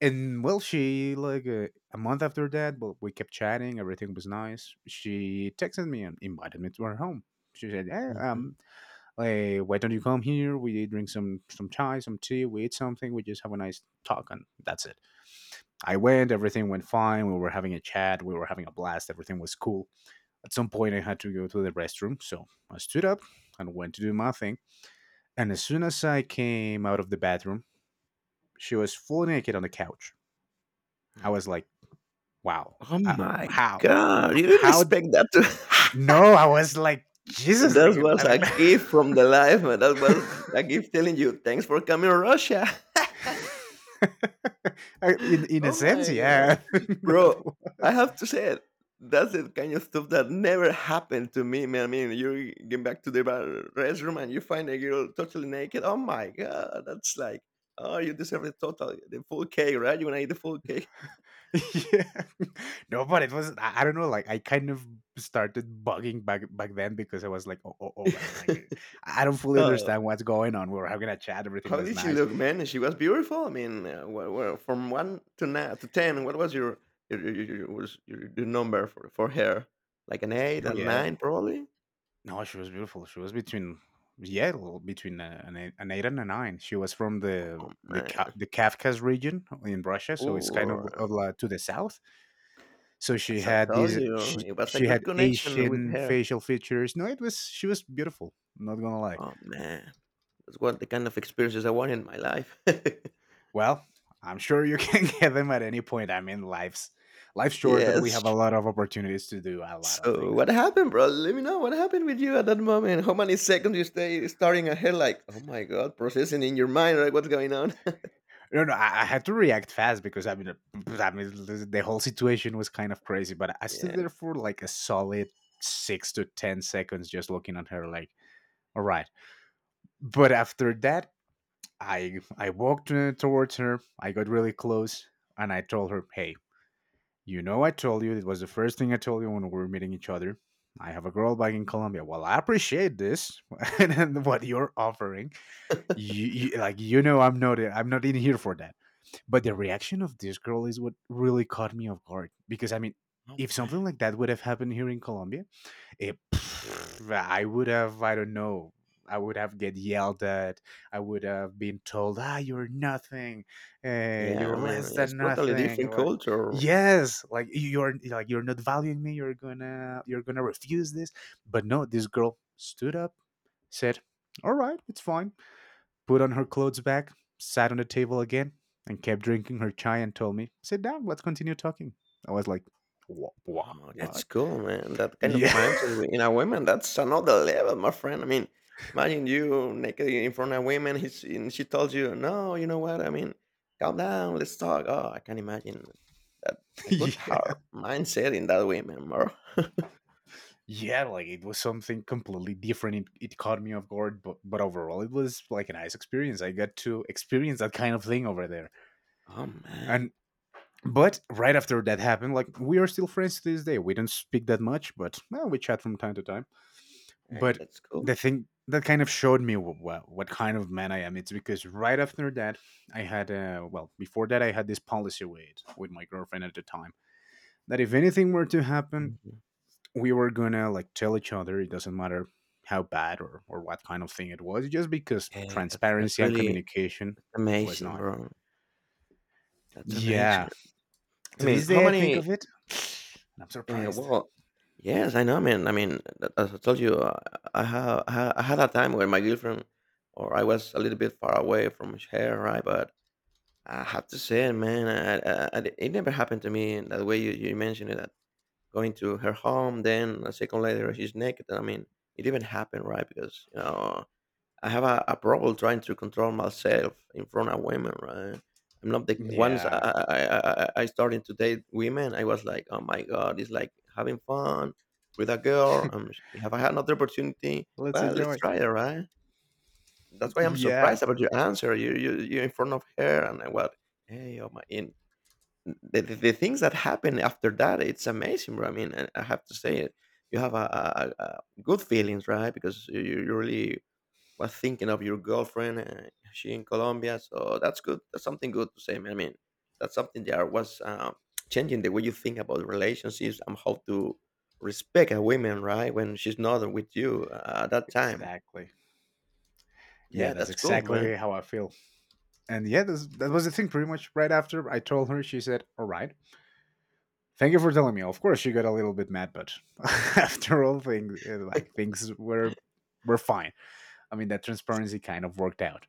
Speaker 1: And well, she like a month after that, well, we kept chatting. Everything was nice. She texted me and invited me to her home. She said, "Hey,
Speaker 2: hmm
Speaker 1: hey, why don't you come here? We drink some chai, some tea, we eat something, we just have a nice talk, and that's it." I went, everything went fine. We were having a chat, we were having a blast, everything was cool. At some point, I had to go to the restroom, so I stood up and went to do my thing. And as soon as I came out of the bathroom, she was full naked on the couch. I was like, wow,
Speaker 2: Oh
Speaker 1: uh,
Speaker 2: my
Speaker 1: how?
Speaker 2: God! You didn't
Speaker 1: How?
Speaker 2: expect that to.
Speaker 1: No, I was like,
Speaker 2: And
Speaker 1: Jesus,
Speaker 2: that was
Speaker 1: like
Speaker 2: a gift from the life, man. That was a gift telling you, thanks for coming, Russia.
Speaker 1: in a
Speaker 2: Oh
Speaker 1: sense,
Speaker 2: my god,
Speaker 1: yeah. I think that
Speaker 2: bro!
Speaker 1: was-
Speaker 2: I have to say it. That's the kind of stuff that never happened to me, man. I mean, you get back to the restroom and you find a girl totally naked. Oh my god, that's like, oh, you deserve the total, the full cake, right? You wanna eat the full cake?
Speaker 1: yeah. No, but it was I don't know. Like I kind of started bugging back then because I was like, oh, all right, like I don't fully
Speaker 2: Oh,
Speaker 1: understand what's going on. We were having a chat. Everything
Speaker 2: how
Speaker 1: was
Speaker 2: did she
Speaker 1: nice.
Speaker 2: look, man? She was beautiful. I mean, from one to nine to ten, what was your your number for her? Like an eight,
Speaker 1: No,
Speaker 2: a
Speaker 1: yeah.
Speaker 2: nine, probably.
Speaker 1: No, she was beautiful. She was between yeah, between an eight and a nine. She was from the
Speaker 2: Oh man!
Speaker 1: The Kafka's region in Russia, so it's kind of
Speaker 2: Ooh,
Speaker 1: like to the south. So she
Speaker 2: as I
Speaker 1: had
Speaker 2: told
Speaker 1: these
Speaker 2: you,
Speaker 1: she
Speaker 2: it was a
Speaker 1: she had
Speaker 2: good connection with
Speaker 1: Asian
Speaker 2: her.
Speaker 1: facial features. No, it was she was beautiful. I'm not gonna lie.
Speaker 2: Oh man, that's what the kind of experiences I want in my life.
Speaker 1: Well, I'm sure you
Speaker 2: So-
Speaker 1: can get them at any point. I mean, life's short, but we
Speaker 2: yes.
Speaker 1: have a lot of opportunities to do a lot of
Speaker 2: So
Speaker 1: things.
Speaker 2: what happened, bro? Let me know what happened with you at that moment. How many seconds you stay staring at her like, oh my god, processing in your mind, right? What's going on?
Speaker 1: No, no, I had to react fast because I mean, the whole situation was kind of crazy. But I stood
Speaker 2: yeah.
Speaker 1: there for like a solid 6 to 10 seconds, just looking at her, like, all right. But after that, I walked towards her. I got really close, and I told her, "Hey, you know, I told you it was the first thing I told you when we were meeting each other. I have a girl back in Colombia. Well, I appreciate this and then what you're offering. You like, you know, I'm not in here for that." But the reaction of this girl is what really caught me off guard because I mean,
Speaker 2: Oh,
Speaker 1: if
Speaker 2: man.
Speaker 1: something like that would have happened here in Colombia, it, pff, I would have, I don't know, I would have get yelled at. I would have been told, ah, you're nothing,
Speaker 2: Yeah, I
Speaker 1: you're
Speaker 2: mean,
Speaker 1: less
Speaker 2: it's
Speaker 1: than
Speaker 2: totally
Speaker 1: nothing.
Speaker 2: different
Speaker 1: Like,
Speaker 2: culture.
Speaker 1: yes, like you're not valuing me. You're gonna refuse this. But no, this girl stood up, said, all right, it's fine. Put on her clothes back, sat on the table again, and kept drinking her chai and told me, sit down, let's continue talking. I was like, what? What?
Speaker 2: Wow. Oh,
Speaker 1: What?
Speaker 2: that's cool, man. That kind of
Speaker 1: Yeah.
Speaker 2: mindset in a woman, that's another level, my friend. I mean, imagine you naked in front of women, he's, and she tells you, "No, you know what? I mean, calm down, let's talk." Oh, I can imagine that a good
Speaker 1: Yeah.
Speaker 2: hard mindset in that woman, bro.
Speaker 1: Yeah, like it was something completely different. It caught me off guard, but overall it was like a nice experience. I got to experience that kind of thing over there.
Speaker 2: Oh, man.
Speaker 1: And but right after that happened, like we are still friends to this day. We don't speak that much, but well, we chat from time to time.
Speaker 2: Hey,
Speaker 1: But
Speaker 2: that's
Speaker 1: the
Speaker 2: cool.
Speaker 1: thing that kind of showed me what kind of man I am, it's because right after that, I had well before that I had this policy with my girlfriend at the time that if anything were to happen,
Speaker 2: Mhm.
Speaker 1: we were gonna like tell each other. It doesn't matter how bad or what kind of thing it was, just because
Speaker 2: Hey, that's
Speaker 1: transparency and
Speaker 2: really
Speaker 1: communication was
Speaker 2: amazing,
Speaker 1: not.
Speaker 2: bro. That's
Speaker 1: Yeah,
Speaker 2: amazing. I
Speaker 1: to
Speaker 2: mean,
Speaker 1: this
Speaker 2: how
Speaker 1: day I think
Speaker 2: many
Speaker 1: of it and I'm
Speaker 2: Yeah,
Speaker 1: surprised.
Speaker 2: well, yes, I know, man. I mean, as I told you, I I had a time where my girlfriend or I was a little bit far away from her, right? But I have to say, man, it never happened to me in that way. You mentioned it, that going to her home, then a second later she's naked. I mean, it even happened, right? Because you know I have a problem trying to control myself in front of women, right? I'm not the once
Speaker 1: Yeah,
Speaker 2: I, I started to date women, I was like, oh my god, it's like having fun with a girl. Have I had another opportunity?
Speaker 1: let's
Speaker 2: Well, let's
Speaker 1: enjoy.
Speaker 2: try it, right? That's why I'm
Speaker 1: Yeah,
Speaker 2: surprised about your answer. You are in front of her, and I was, hey, oh my, in the things that happen after that, it's amazing. Bro. I mean, I have to say it. You have a, a, a a good feelings, right? Because you really was thinking of your girlfriend. She in Colombia, so that's good. That's something good to say. I mean, that's something that was changing the way you think about relationships and how to respect a woman, right? When she's not with you at that time.
Speaker 1: exactly. Yeah,
Speaker 2: Yeah,
Speaker 1: that's
Speaker 2: that's cool, man.
Speaker 1: exactly how I feel. And yeah, that was the thing. Pretty much right after I told her, she said, all right, thank you for telling me. Of course, she got a little bit mad, but after all things, like things were fine. I mean, that transparency kind of worked out.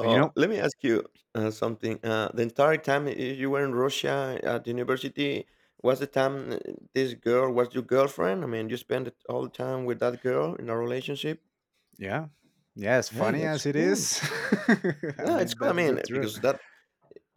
Speaker 1: And you know,
Speaker 2: let me ask you something. The entire time you were in Russia at university, was the time this girl was your girlfriend? I mean, you spent it all the time with that girl in a relationship.
Speaker 1: yeah, yeah, as
Speaker 2: Hey,
Speaker 1: funny
Speaker 2: that's
Speaker 1: as it
Speaker 2: cool.
Speaker 1: is, I
Speaker 2: Yeah, it's
Speaker 1: mean
Speaker 2: good. I
Speaker 1: that is the
Speaker 2: mean,
Speaker 1: truth.
Speaker 2: because that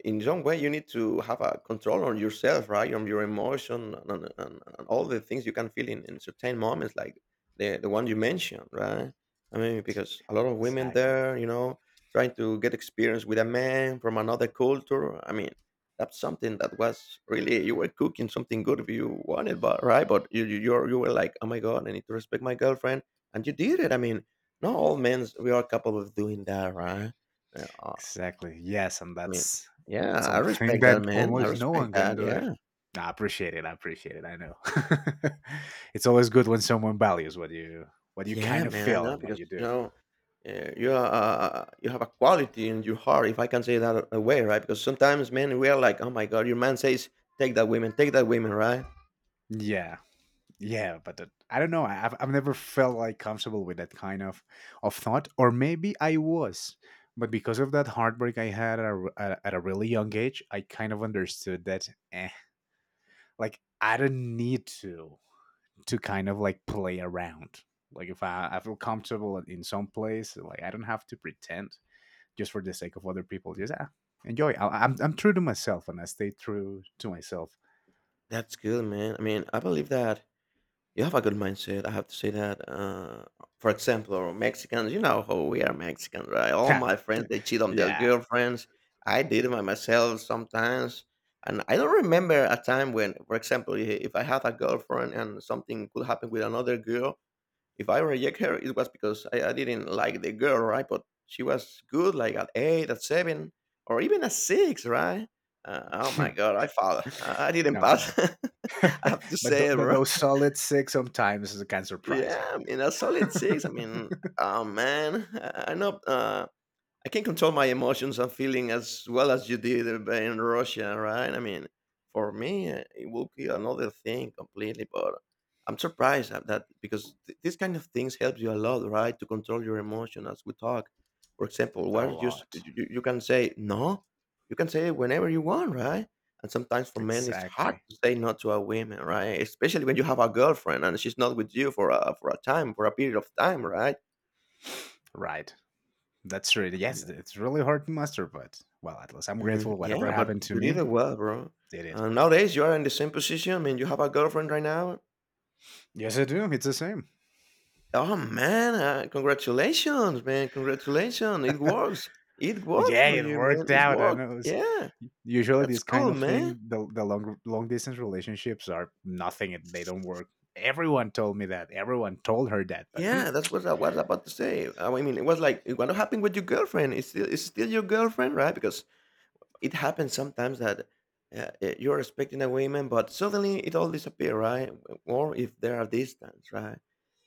Speaker 2: in some way you need to have a control on yourself, right? On your emotion and all the things you can feel in certain moments, like the one you mentioned, right? I mean, because a lot of women
Speaker 1: Exactly,
Speaker 2: there, you know, trying to get experience with a man from another culture. I mean, that's something that was really you were cooking something good if you wanted, but right? But you were like, oh my god, I need to respect my girlfriend, and you did it. I mean, not all men we are capable of doing that, right? uh,
Speaker 1: exactly. Yes, and
Speaker 2: I mean
Speaker 1: that's
Speaker 2: yeah, I
Speaker 1: something
Speaker 2: respect that,
Speaker 1: that
Speaker 2: man. I
Speaker 1: almost no
Speaker 2: respect
Speaker 1: one can
Speaker 2: that,
Speaker 1: do it.
Speaker 2: yeah.
Speaker 1: I appreciate it. I appreciate it. I know. It's always good when someone values what you
Speaker 2: Yeah,
Speaker 1: kind of
Speaker 2: man, I
Speaker 1: feel
Speaker 2: know
Speaker 1: and what
Speaker 2: because,
Speaker 1: you
Speaker 2: you
Speaker 1: do.
Speaker 2: know, eh, you are, you have a quality in your heart, if I can say that a way, right? Because sometimes, man, we are like, "Oh my god," your man says, take that woman," right?
Speaker 1: Yeah, yeah, but that, I don't know. I've never felt like comfortable with that kind of thought, or maybe I was, but because of that heartbreak I had at a, r- at a really young age, I kind of understood that, like I don't need to kind of like play around. Like if I I feel comfortable in some place, like I don't have to pretend just for the sake of other people. Just ah, enjoy. I'm true to myself, and I stay true to myself.
Speaker 2: That's good, man. I mean, I believe that you have a good mindset. I have to say that. For example, or Mexicans, you know how we are Mexicans, right? All my friends they cheat on their
Speaker 1: Yeah,
Speaker 2: girlfriends. I did it by myself sometimes, and I don't remember a time when, for example, if I had a girlfriend and something could happen with another girl, if I reject her, it was because I didn't like the girl, right? But she was good, like at eight, at seven, or even at six, right? Oh my god, I failed. I didn't
Speaker 1: no.
Speaker 2: pass. I have to
Speaker 1: But
Speaker 2: say, it, bro.
Speaker 1: those solid six sometimes can surprise
Speaker 2: Yeah,
Speaker 1: you.
Speaker 2: I mean a solid six. I mean, oh man, I know. I can control my emotions and feeling as well as you did in Russia, right? I mean, for me, it will be another thing completely. But I'm surprised at that because these kind of things helps you a lot, right? To control your emotion as we talk. For example,
Speaker 1: A
Speaker 2: why you,
Speaker 1: lot.
Speaker 2: you can say no? You can say it whenever you want, right? And sometimes for men, it's hard
Speaker 1: Exactly.
Speaker 2: to say no to a woman, right? Especially when you have a girlfriend and she's not with you for a time, for a period of time, right?
Speaker 1: Right. That's really yes. It's really hard to master, but well, at least I'm
Speaker 2: Mm,
Speaker 1: grateful. Whatever
Speaker 2: yeah, but
Speaker 1: happened to
Speaker 2: you did
Speaker 1: me,
Speaker 2: it well, bro.
Speaker 1: did it.
Speaker 2: Nowadays, you are in the same position. I mean, you have a girlfriend right now.
Speaker 1: Yes, I do. It's the same.
Speaker 2: Oh man, congratulations, man! Congratulations, it works. It works
Speaker 1: Yeah,
Speaker 2: for
Speaker 1: it
Speaker 2: you, man.
Speaker 1: worked
Speaker 2: It
Speaker 1: out. I
Speaker 2: worked.
Speaker 1: know. It's,
Speaker 2: Yeah,
Speaker 1: usually,
Speaker 2: that's
Speaker 1: this kind
Speaker 2: cool,
Speaker 1: of
Speaker 2: man.
Speaker 1: thing, the long distance relationships are nothing. They don't work. Everyone told me that. Everyone told her that. But hmm,
Speaker 2: Yeah, that's what I was about to say. I mean, it was like what happened with your girlfriend. It's still your girlfriend, right? Because it happens sometimes that you're expecting a woman, but suddenly it all disappears, right? Or if there are distance, right?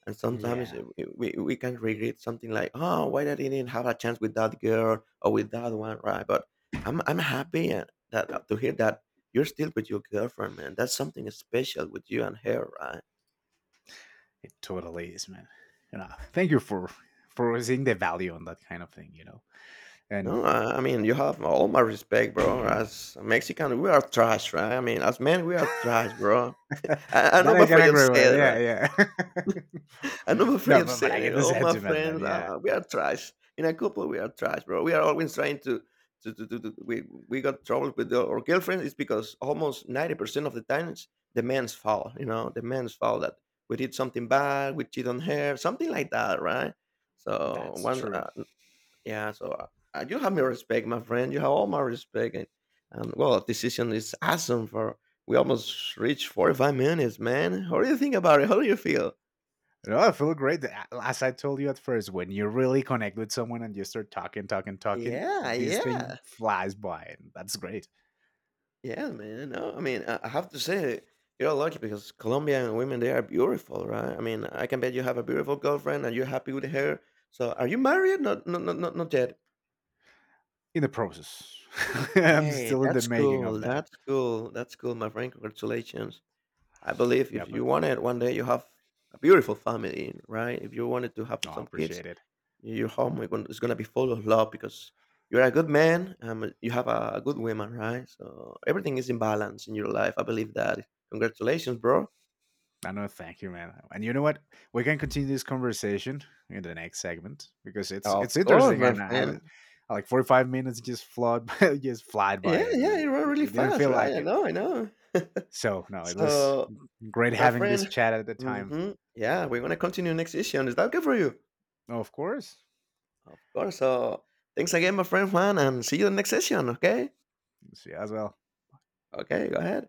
Speaker 2: And sometimes
Speaker 1: yeah,
Speaker 2: we can regret something like, oh, why did I didn't have a chance with that girl or with that one, right? But I'm happy that to hear that you're still with your girlfriend, man. That's something special with you and her, right?
Speaker 1: it totally is, man. And thank you for seeing the value on that kind of thing, you know. And
Speaker 2: No, I mean you have all my respect, bro. As a Mexican, we are trash, right? I mean, as men, we are trash, bro. I'm
Speaker 1: that
Speaker 2: not
Speaker 1: I can
Speaker 2: afraid of
Speaker 1: agree with.
Speaker 2: saying it,
Speaker 1: Yeah,
Speaker 2: right?
Speaker 1: yeah.
Speaker 2: I'm not afraid
Speaker 1: No,
Speaker 2: of
Speaker 1: but I
Speaker 2: saying
Speaker 1: get
Speaker 2: it.
Speaker 1: the
Speaker 2: All my
Speaker 1: sentiment, man.
Speaker 2: friends,
Speaker 1: Yeah,
Speaker 2: ah, we are trash. In a couple, we are trash, bro. We are always trying to we got trouble with the, our girlfriend. It's because almost 90% of the times, the man's fault, you know, the man's fault that we did something bad, we cheat on her, something like that, right? So,
Speaker 1: that's
Speaker 2: one,
Speaker 1: true.
Speaker 2: yeah, so you have my respect, my friend. You have all my respect. And well, this decision is awesome for, we almost reached 45 minutes, man. What do you think about it? How do you feel?
Speaker 1: No, I feel great. As I told you at first, when you really connect with someone and you start talking, talking, talking,
Speaker 2: Yeah,
Speaker 1: this thing
Speaker 2: yeah.
Speaker 1: flies by, and that's great.
Speaker 2: Yeah, man. No, I mean, I have to say, you're lucky because Colombian women, they are beautiful, right? I mean, I can bet you have a beautiful girlfriend and you're happy with her. So, are you married? Not yet.
Speaker 1: In the process, I'm
Speaker 2: Hey,
Speaker 1: still in the
Speaker 2: that's
Speaker 1: making of
Speaker 2: cool.
Speaker 1: that.
Speaker 2: That's cool. That's cool, my friend. Congratulations. I believe
Speaker 1: Yeah,
Speaker 2: if you
Speaker 1: but
Speaker 2: want it, one day you have a beautiful family, right? If you wanted to have
Speaker 1: no, I
Speaker 2: some kids,
Speaker 1: appreciate it.
Speaker 2: your home is is gonna be full of love because you're a good man. You have a good woman, right? So everything is in balance in your life. I believe that. Congratulations, bro.
Speaker 1: I know. Thank you, man. And you know what? We can continue this conversation in the next segment because it's
Speaker 2: Of course,
Speaker 1: interesting,
Speaker 2: my
Speaker 1: and
Speaker 2: friend.
Speaker 1: I like 45 minutes just flowed by, just flied by,
Speaker 2: Yeah, yeah,
Speaker 1: and
Speaker 2: you run really
Speaker 1: it didn't
Speaker 2: fast,
Speaker 1: feel
Speaker 2: right?
Speaker 1: like
Speaker 2: I
Speaker 1: it.
Speaker 2: know, I know.
Speaker 1: So no, it was
Speaker 2: so,
Speaker 1: great
Speaker 2: my
Speaker 1: having this
Speaker 2: friend.
Speaker 1: chat at the time.
Speaker 2: Yeah, we're gonna continue next session. Is that good for you?
Speaker 1: Of course.
Speaker 2: Of course. So, thanks again, my friend Juan, and see you in the next session. Okay.
Speaker 1: See you as well.
Speaker 2: Okay. Go ahead.